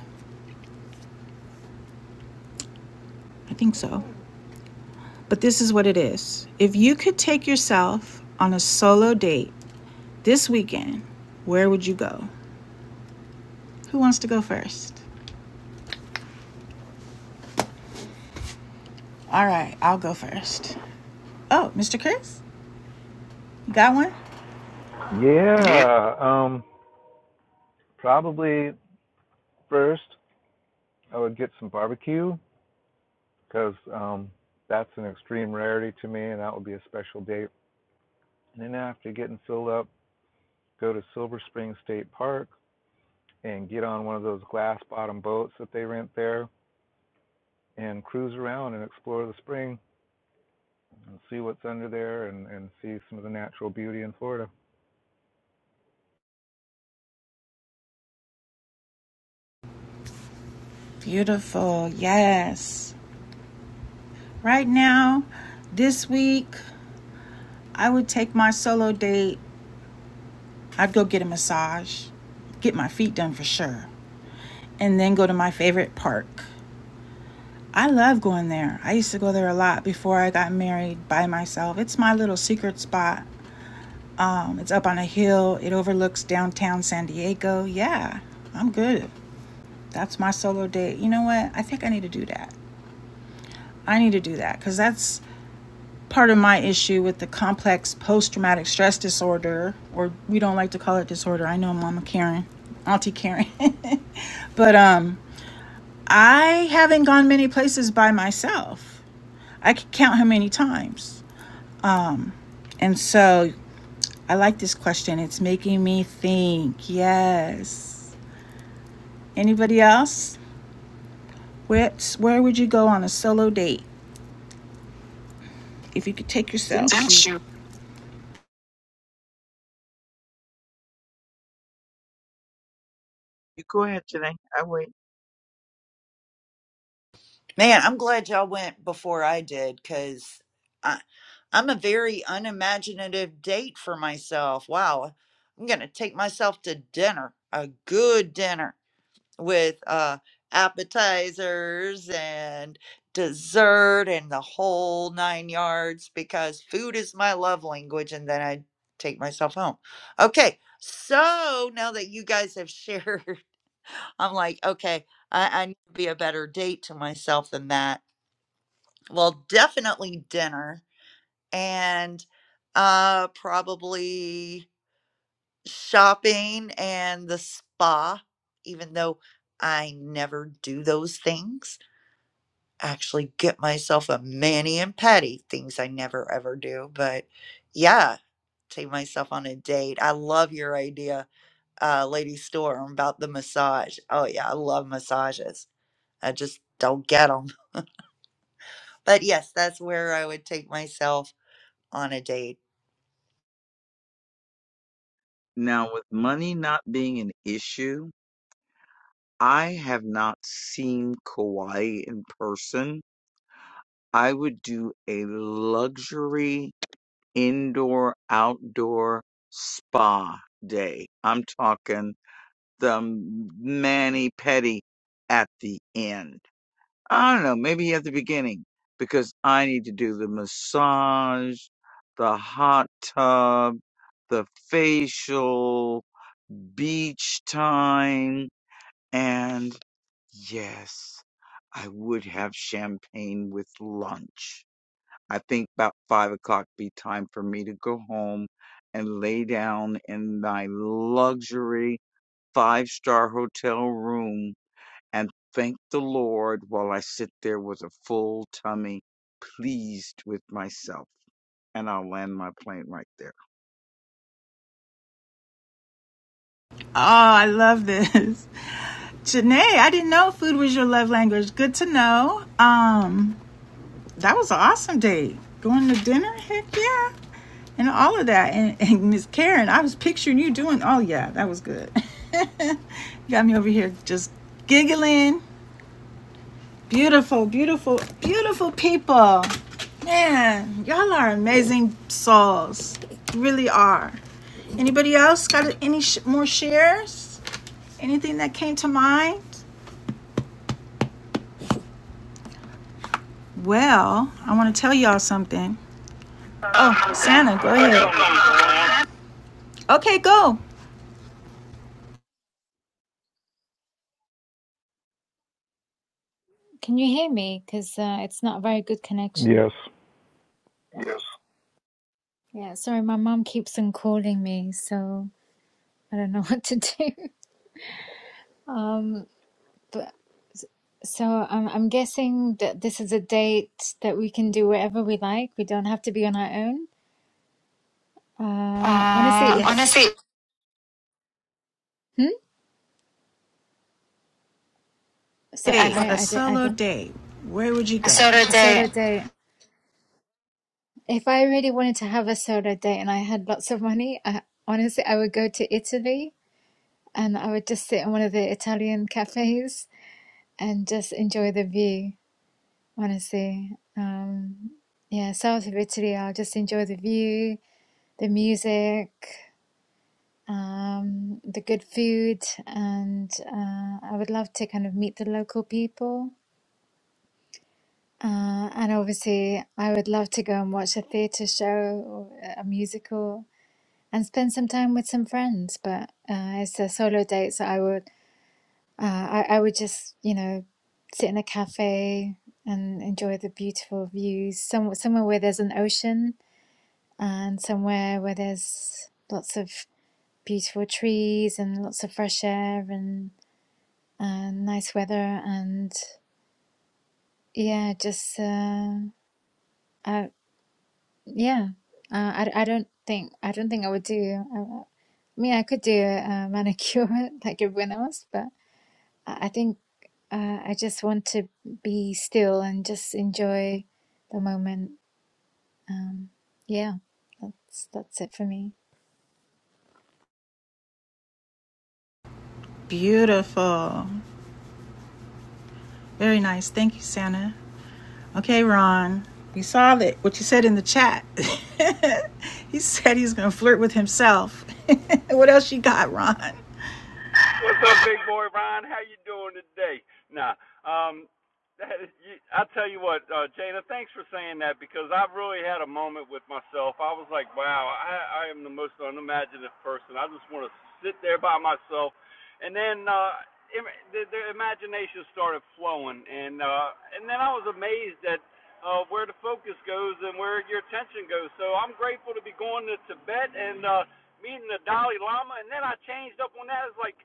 Speaker 1: I think so. But this is what it is if you could take yourself on a solo date this weekend, where would you go? Who wants to go first? All right, I'll go first. Oh, Mr. Chris, you got one? Yeah.
Speaker 2: Yeah, um, probably first I would get some barbecue because um, that's an extreme rarity to me, and that would be a special date. And then after getting filled up, go to Silver Spring State Park and get on one of those glass bottom boats that they rent there and cruise around and explore the spring and see what's under there and, and see some of the natural beauty in Florida.
Speaker 1: Beautiful. Yes. Right now, this week, I would take my solo date. I'd go get a massage, get my feet done for sure, and then go to my favorite park. I love going there. I used to go there a lot before I got married by myself. It's my little secret spot. Um, it's up on a hill, it overlooks downtown San Diego. Yeah, I'm good. That's my solo date. You know what? I think I need to do that. I need to do that because that's part of my issue with the complex post traumatic stress disorder, or we don't like to call it disorder. I know Mama Karen, Auntie Karen. but um, I haven't gone many places by myself. I can count how many times. Um, and so I like this question. It's making me think. Yes. Anybody else? Where, where would you go on a solo date if you could take yourself?
Speaker 4: Since you,
Speaker 1: Since you
Speaker 4: you go ahead, Janae. I wait.
Speaker 3: Man, I'm glad y'all went before I did because I, I'm a very unimaginative date for myself. Wow. I'm going to take myself to dinner, a good dinner with uh, appetizers and dessert and the whole nine yards because food is my love language. And then I take myself home. Okay. So now that you guys have shared, I'm like, okay, I, I need to be a better date to myself than that well, definitely dinner and uh probably shopping and the spa, even though I never do those things. I actually get myself a mani and pedi, things I never ever do, but yeah, take myself on a date. I love your idea, uh Lady Storm about the massage. Oh yeah, I love massages. I just don't get them. But yes, that's where I would take myself on a date
Speaker 4: Now, with money not being an issue, I have not seen Kauai in person I would do a luxury indoor outdoor spa day. I'm talking the mani pedi at the end. I don't know, maybe at the beginning because I need to do the massage, the hot tub, the facial, beach time, and yes, I would have champagne with lunch I think about five o'clock be time for me to go home and lay down in my luxury five star hotel room and thank the Lord while I sit there with a full tummy, pleased with myself. And I'll land my plane right there.
Speaker 1: Oh, I love this. Janae, I didn't know food was your love language. Good to know. Um, that was an awesome date. Going to dinner, heck yeah. And all of that. And, and Miss Karen, I was picturing you doing, oh yeah, that was good. got me over here just giggling. Beautiful, beautiful, beautiful people. Man, y'all are amazing souls. You really are. Anybody else got any sh- more shares? Anything that came to mind? Well, I want to tell y'all something. Oh, Santa, go
Speaker 8: I got
Speaker 1: ahead.
Speaker 8: something, Storm.
Speaker 1: Okay, go.
Speaker 5: can you hear me because uh, it's not a very good connection
Speaker 2: Yes.
Speaker 5: Yeah, sorry, my mom keeps on calling me, so I don't know what to do. Um, but so I'm I'm guessing that this is a date that we can do whatever we like. We don't have to be on our own. Uh, honestly,
Speaker 1: Uh,
Speaker 5: if
Speaker 1: Yes. honestly,
Speaker 5: hmm? So
Speaker 1: Day,
Speaker 5: I
Speaker 1: a
Speaker 5: I did I
Speaker 1: solo
Speaker 5: did
Speaker 1: day. Where would you go? A solo
Speaker 5: a
Speaker 1: day.
Speaker 5: solo date. If I really wanted to have a solo date and I had lots of money, I, honestly, I would go to Italy and I would just sit in one of the Italian cafes and just enjoy the view. Honestly, um, yeah, south of Italy, I'll just enjoy the view, the music, um, the good food, and uh, I would love to kind of meet the local people. Uh, and obviously, I would love to go and watch a theatre show or a musical and spend some time with some friends. But uh, it's a solo date, so I would, uh, I, I would just, you know, sit in a cafe and enjoy the beautiful views, some, somewhere where there's an ocean and somewhere where there's lots of beautiful trees and lots of fresh air and uh, nice weather and yeah just uh, uh yeah uh, I, I don't think I don't think I would do uh, I mean I could do a manicure like everyone else but I I think uh, I just want to be still and just enjoy the moment um yeah that's that's it for me
Speaker 1: Beautiful. Very nice. Thank you, Santa. Okay, Ron. You saw that what you said in the chat. he said he's gonna flirt with himself. what else you got, Ron?
Speaker 8: What's up, big boy Ron? How you doing today? Nah, um, that, is, you, I tell you what, uh, Jada, thanks for saying that because I really had a moment with myself. I was like, wow, I, I am the most unimaginative person. I just want to sit there by myself, and then uh, im the, the imagination started flowing, and uh, and then I was amazed at uh, where the focus goes and where your attention goes. So I'm grateful to be going to Tibet and. Uh, meeting the Dalai Lama, and then I changed up on that. It's like,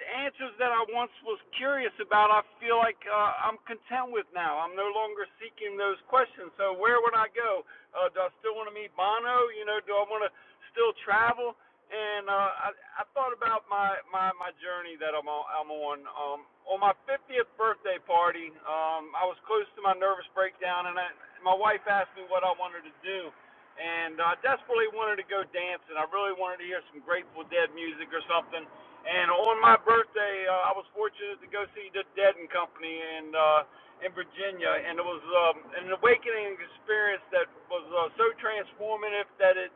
Speaker 8: the answers that I once was curious about, I feel like uh, I'm content with now. I'm no longer seeking those questions. So where would I go? Uh, do I still want to meet Bono? You know, do I want to still travel? And uh, I, I thought about my, my, my journey that I'm on. I'm on. Um, on my 50th birthday party, um, I was close to my nervous breakdown, and I, my wife asked me what I wanted to do. And I desperately wanted to go dancing. I really wanted to hear some Grateful Dead music or something. And on my birthday, uh, I was fortunate to go see the Dead and Company in uh, in Virginia, and it was um, an awakening experience that was uh, so transformative that it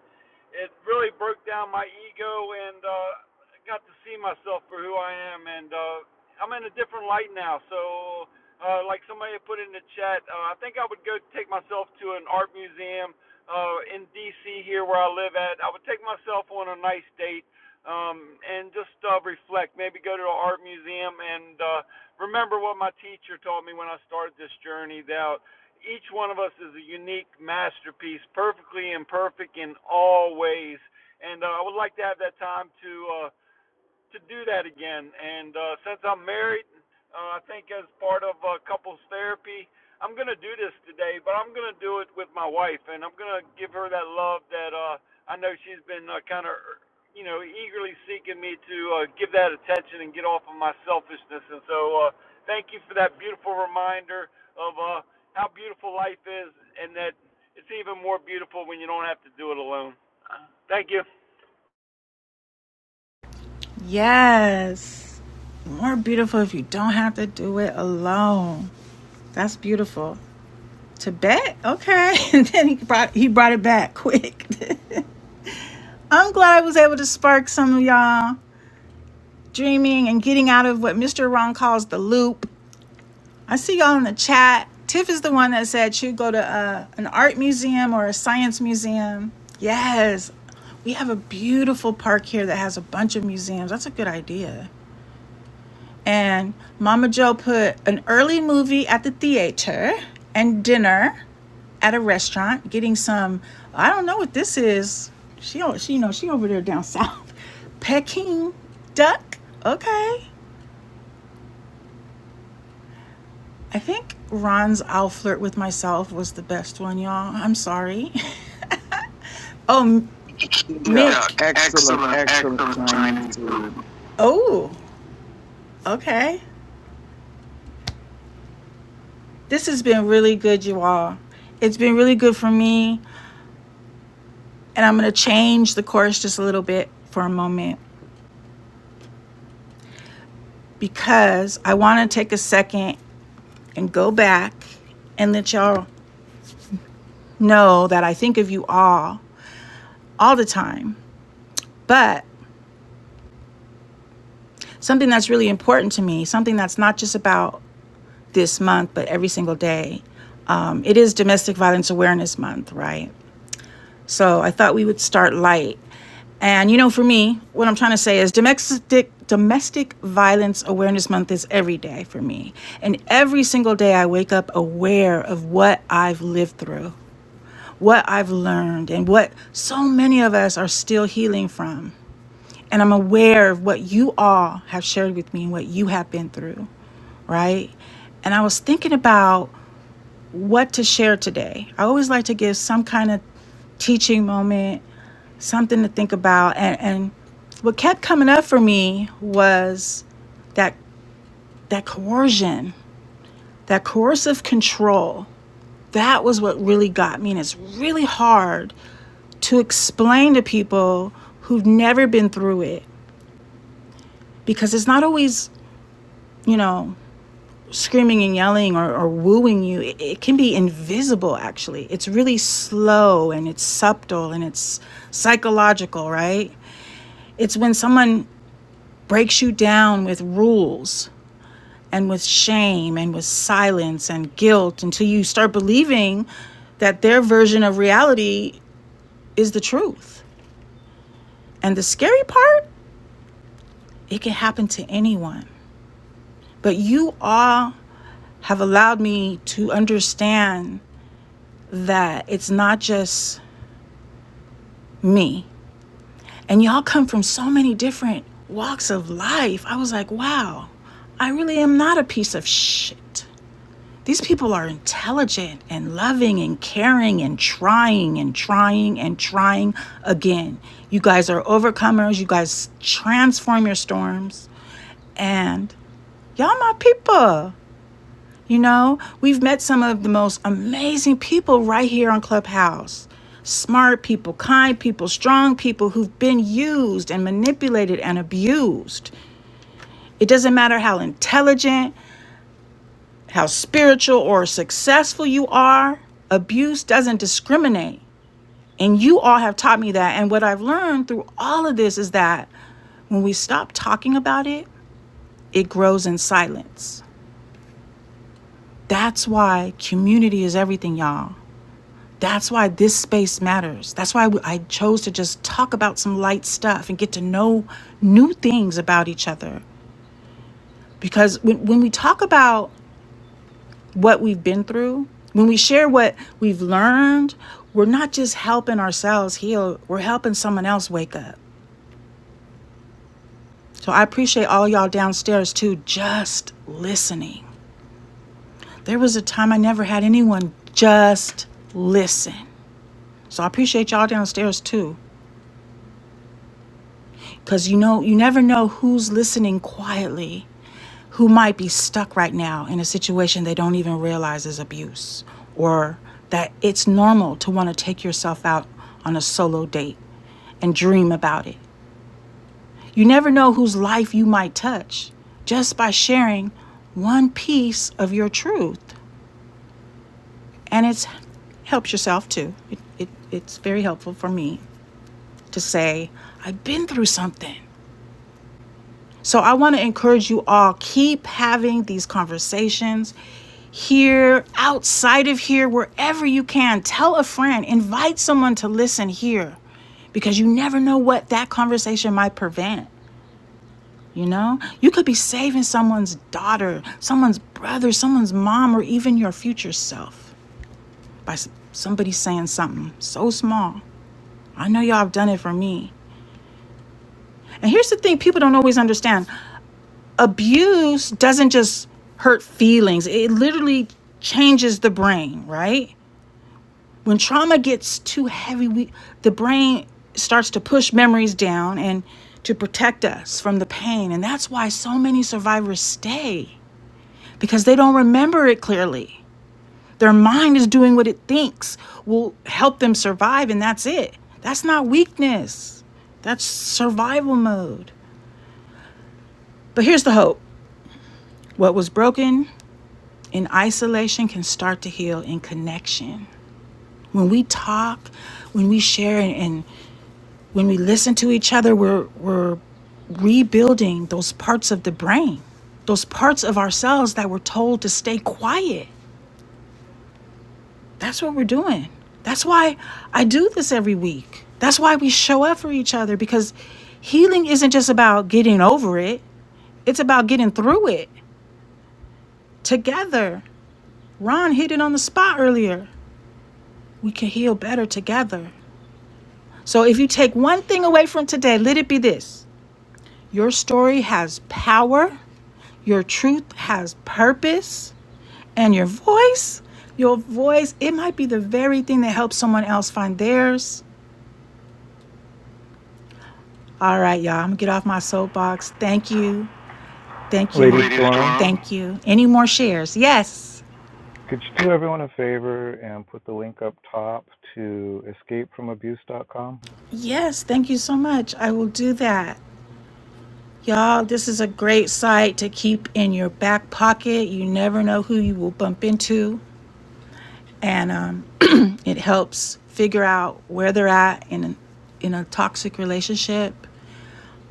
Speaker 8: it really broke down my ego and uh, I got to see myself for who I am. And uh, I'm in a different light now. So, uh, like somebody put in the chat, uh, I think I would go take myself to an art museum uh, in D.C. here where I live at. I would take myself on a nice date um, and just uh, reflect. Maybe go to an art museum and uh, remember what my teacher taught me when I started this journey that each one of us is a unique masterpiece, perfectly imperfect in all ways. And uh, I would like to have that time to uh, to do that again. And uh, since I'm married, uh, I think as part of uh, couples therapy, I'm gonna do this today, but I'm gonna do it with my wife, and I'm gonna give her that love that uh, I know she's been uh, kind of, you know, eagerly seeking me to uh, give that attention and get off of my selfishness. And so, uh, thank you for that beautiful reminder of uh, how beautiful life is, and that it's even more beautiful when you don't have to do it alone. Thank you.
Speaker 1: Yes. More beautiful if you don't have to do it alone. That's beautiful. Tibet? Okay. And then he brought he brought it back quick. I'm glad I was able to spark some of y'all dreaming and getting out of what Mr. Ron calls the loop. I see y'all in the chat. Tiff is the one that said she'd go to uh, an art museum or a science museum. Yes, we have a beautiful park here that has a bunch of museums. That's a good idea. And Mama Joe put an early movie at the theater and dinner at a restaurant getting some. I don't know what this is. She, she, you know, she over there down south. Peking duck. Okay. I think Ron's "I'll flirt with myself" was the best one, y'all. I'm sorry. Oh, Mick.
Speaker 4: Duck.
Speaker 1: Duck.
Speaker 4: Excellent,
Speaker 1: Excellent,
Speaker 4: excellent
Speaker 1: excellent
Speaker 4: Chinese
Speaker 1: Chinese
Speaker 4: food.
Speaker 1: food. Oh, okay. This has been really good, you all. It's been really good for me. And I'm going to change the course just a little bit for a moment because I want to take a second and go back and let y'all know that I think of you all all the time. But something that's really important to me, something that's not just about this month, but every single day, um, it is Domestic Violence Awareness Month, right? So I thought we would start light. And you know, for me, what I'm trying to say is domestic domestic violence awareness month is every day for me. And every single day I wake up aware of what I've lived through. what I've learned and what so many of us are still healing from. And I'm aware of what you all have shared with me and what you have been through, right? And I was thinking about what to share today. I always like to give some kind of teaching moment, something to think about. And, and what kept coming up for me was that that coercion, that coercive control. That was what really got me. And it's really hard to explain to people who've never been through it because it's not always, you know, screaming and yelling or, or wooing you. It, it can be invisible, actually. It's really slow and it's subtle and it's psychological, right? It's when someone breaks you down with rules and with shame and with silence and guilt until you start believing that their version of reality is the truth. And the scary part, it can happen to anyone. But you all have allowed me to understand that it's not just me. And y'all come from so many different walks of life. I was like, wow, I really am not a piece of shit. These people are intelligent and loving and caring and trying and trying and trying again. You guys are overcomers. You guys transform your storms. And y'all, my people. You know, we've met some of the most amazing people right here on Clubhouse. Smart people, kind people, strong people who've been used and manipulated and abused. It doesn't matter how intelligent, how spiritual, or successful you are, abuse doesn't discriminate. And you all have taught me that. And what I've learned through all of this is that when we stop talking about it, it grows in silence. That's why community is everything, y'all. That's why this space matters. That's why I chose to just talk about some light stuff and get to know new things about each other. Because when, when we talk about what we've been through, when we share what we've learned, we're not just helping ourselves heal, we're helping someone else wake up. So I appreciate all y'all downstairs too, just listening. There was a time I never had anyone just listen. So I appreciate y'all downstairs too. Because you know, you never know who's listening quietly, who might be stuck right now in a situation they don't even realize is abuse, or that it's normal to want to take yourself out on a solo date and dream about it. You never know whose life you might touch just by sharing one piece of your truth. And it helps yourself too. It, it, it's very helpful for me to say, I've been through something. So I want to encourage you all keep having these conversations here, outside of here, wherever you can. Tell a friend, invite someone to listen here because you never know what that conversation might prevent. You know, you could be saving someone's daughter, someone's brother, someone's mom, or even your future self by somebody saying something so small. I know y'all have done it for me. And here's the thing people don't always understand abuse doesn't just hurt feelings, it literally changes the brain, right? When trauma gets too heavy, we, the brain starts to push memories down and to protect us from the pain. And that's why so many survivors stay because they don't remember it clearly. Their mind is doing what it thinks will help them survive, and that's it. That's not weakness, that's survival mode. But here's the hope what was broken In isolation can start to heal in connection. When we talk, when we share, and, and when we listen to each other, we're, we're rebuilding those parts of the brain, those parts of ourselves that we're told to stay quiet. That's what we're doing. That's why I do this every week. That's why we show up for each other because healing isn't just about getting over it, it's about getting through it together. Ron hit it on the spot earlier. We can heal better together. So if you take one thing away from today, let it be this your story has power, your truth has purpose, and your voice, your voice, it might be the very thing that helps someone else find theirs. All right, y'all, I'm gonna get off my soapbox. Thank you. Thank you.
Speaker 2: Lady
Speaker 1: Lady Storm,
Speaker 2: Storm,
Speaker 1: Thank you. Any more shares? Yes.
Speaker 2: could you do everyone a favor and put the link up top to Escape From escapefromabuse.com?
Speaker 1: Yes. Thank you so much. I will do that. Y'all, this is a great site to keep in your back pocket. You never know who you will bump into. and um, it helps figure out where they're at in an, in a toxic relationship.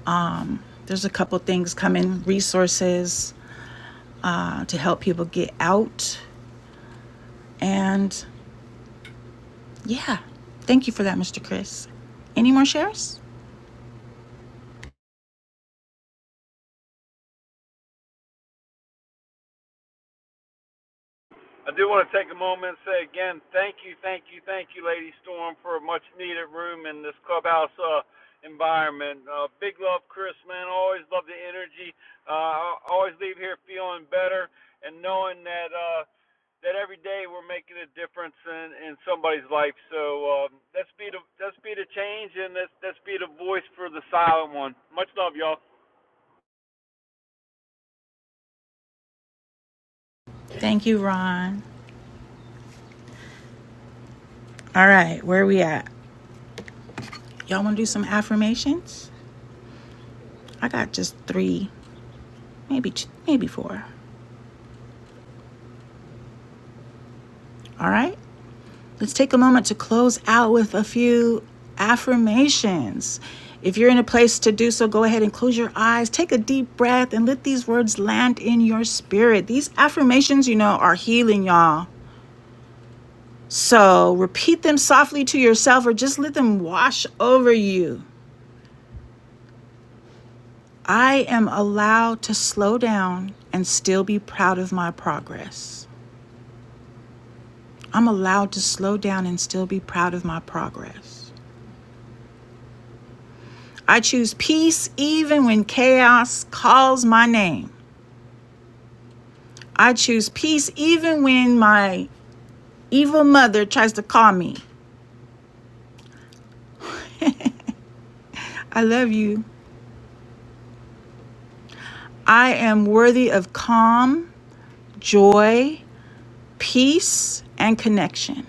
Speaker 1: Um, there's a couple things coming, resources uh, to help people get out, and yeah, thank you for that, Mr. Chris. Any more shares?
Speaker 8: I do want to take a moment and say again, thank you, thank you, thank you, Lady Storm, for a much needed room in this clubhouse uh, environment. Uh, big love, Chris, man. Always love the energy. Uh, I always leave here feeling better and knowing that uh, that every day we're making a difference in, in somebody's life. So um, let's be the let's be the change and let's let's be the voice for the silent one. Much love, y'all.
Speaker 1: Thank you, Ron. All right, where are we at? Y'all want to do some affirmations? I got just three, maybe two, maybe four. All right. Let's take a moment to close out with a few affirmations. If you're in a place to do so, go ahead and close your eyes, take a deep breath, and let these words land in your spirit. These affirmations, you know, are healing, y'all. So repeat them softly to yourself or just let them wash over you. I am allowed to slow down and still be proud of my progress. I'm allowed to slow down and still be proud of my progress. I choose peace even when chaos calls my name. I choose peace even when my evil mother tries to call me. I love you. I am worthy of calm, joy, peace, and connection.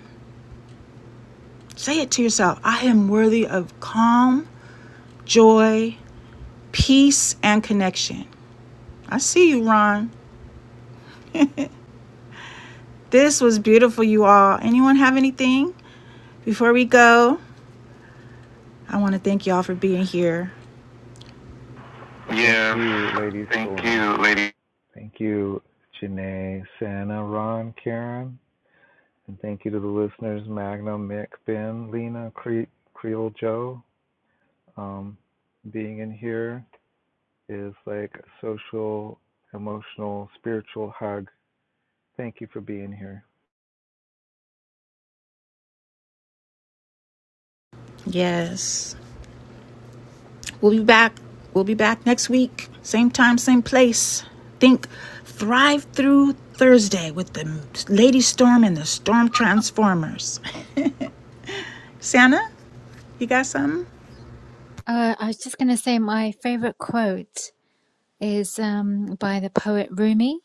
Speaker 1: Say it to yourself I am worthy of calm, joy, peace, and connection. I see you, Ron. This was beautiful, you all. Anyone have anything? Before we go, I want to thank y'all for being here.
Speaker 2: Thank
Speaker 1: Yes.
Speaker 2: you, Lady
Speaker 1: Thank
Speaker 2: Storm.
Speaker 1: you, lady.
Speaker 2: Thank you, Janae, Santa, Ron, Karen. And thank you to the listeners, Magnum, Mick, Ben, Lena, Cre- Creole Joe, um, being in here. is like a social, emotional, spiritual hug. Thank you for being here.
Speaker 1: Yes. We'll be back. We'll be back next week. Same time, same place. Think Thrive Through Thursday with the Lady Storm and the Storm Transformers. Santa, you got something?
Speaker 5: uh, I was just gonna say my favorite quote is um, by the poet Rumi,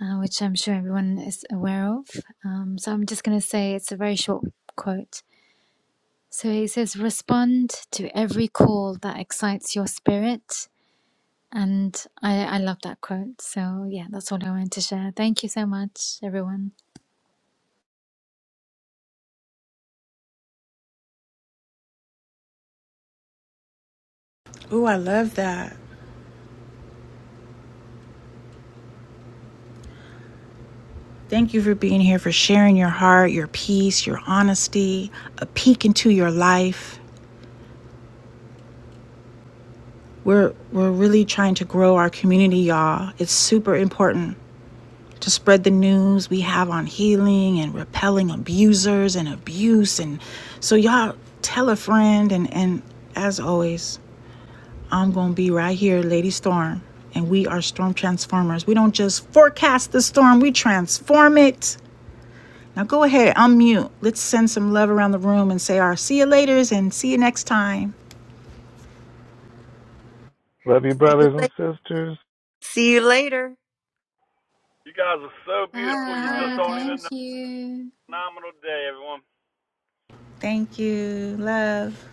Speaker 5: uh, which I'm sure everyone is aware of. Um, so I'm just going to say it's a very short quote. So he says, Respond to every call that excites your spirit. And I, I love that quote. So yeah, that's all I wanted to share. Thank you so much, everyone.
Speaker 1: Ooh, I love that. Thank you for being here, for sharing your heart, your peace, your honesty, a peek into your life. We're, we're really trying to grow our community, y'all. It's super important. to spread the news we have on healing and repelling abusers and abuse. And so, y'all tell a friend. And, and as always, I'm going to be right here, Lady Storm. And we are storm transformers. We don't just forecast the storm, we transform it. Now, go ahead, unmute. Let's send some love around the room and say our see you laters and see you next time.
Speaker 2: Love you,
Speaker 3: See you
Speaker 2: brothers and
Speaker 3: later.
Speaker 2: sisters.
Speaker 3: See you later.
Speaker 8: You guys are so beautiful. You Hi. just
Speaker 5: Bye.
Speaker 8: don't
Speaker 5: Thank
Speaker 8: even know.
Speaker 5: you.
Speaker 8: Phenomenal day, everyone.
Speaker 1: Thank you. Love.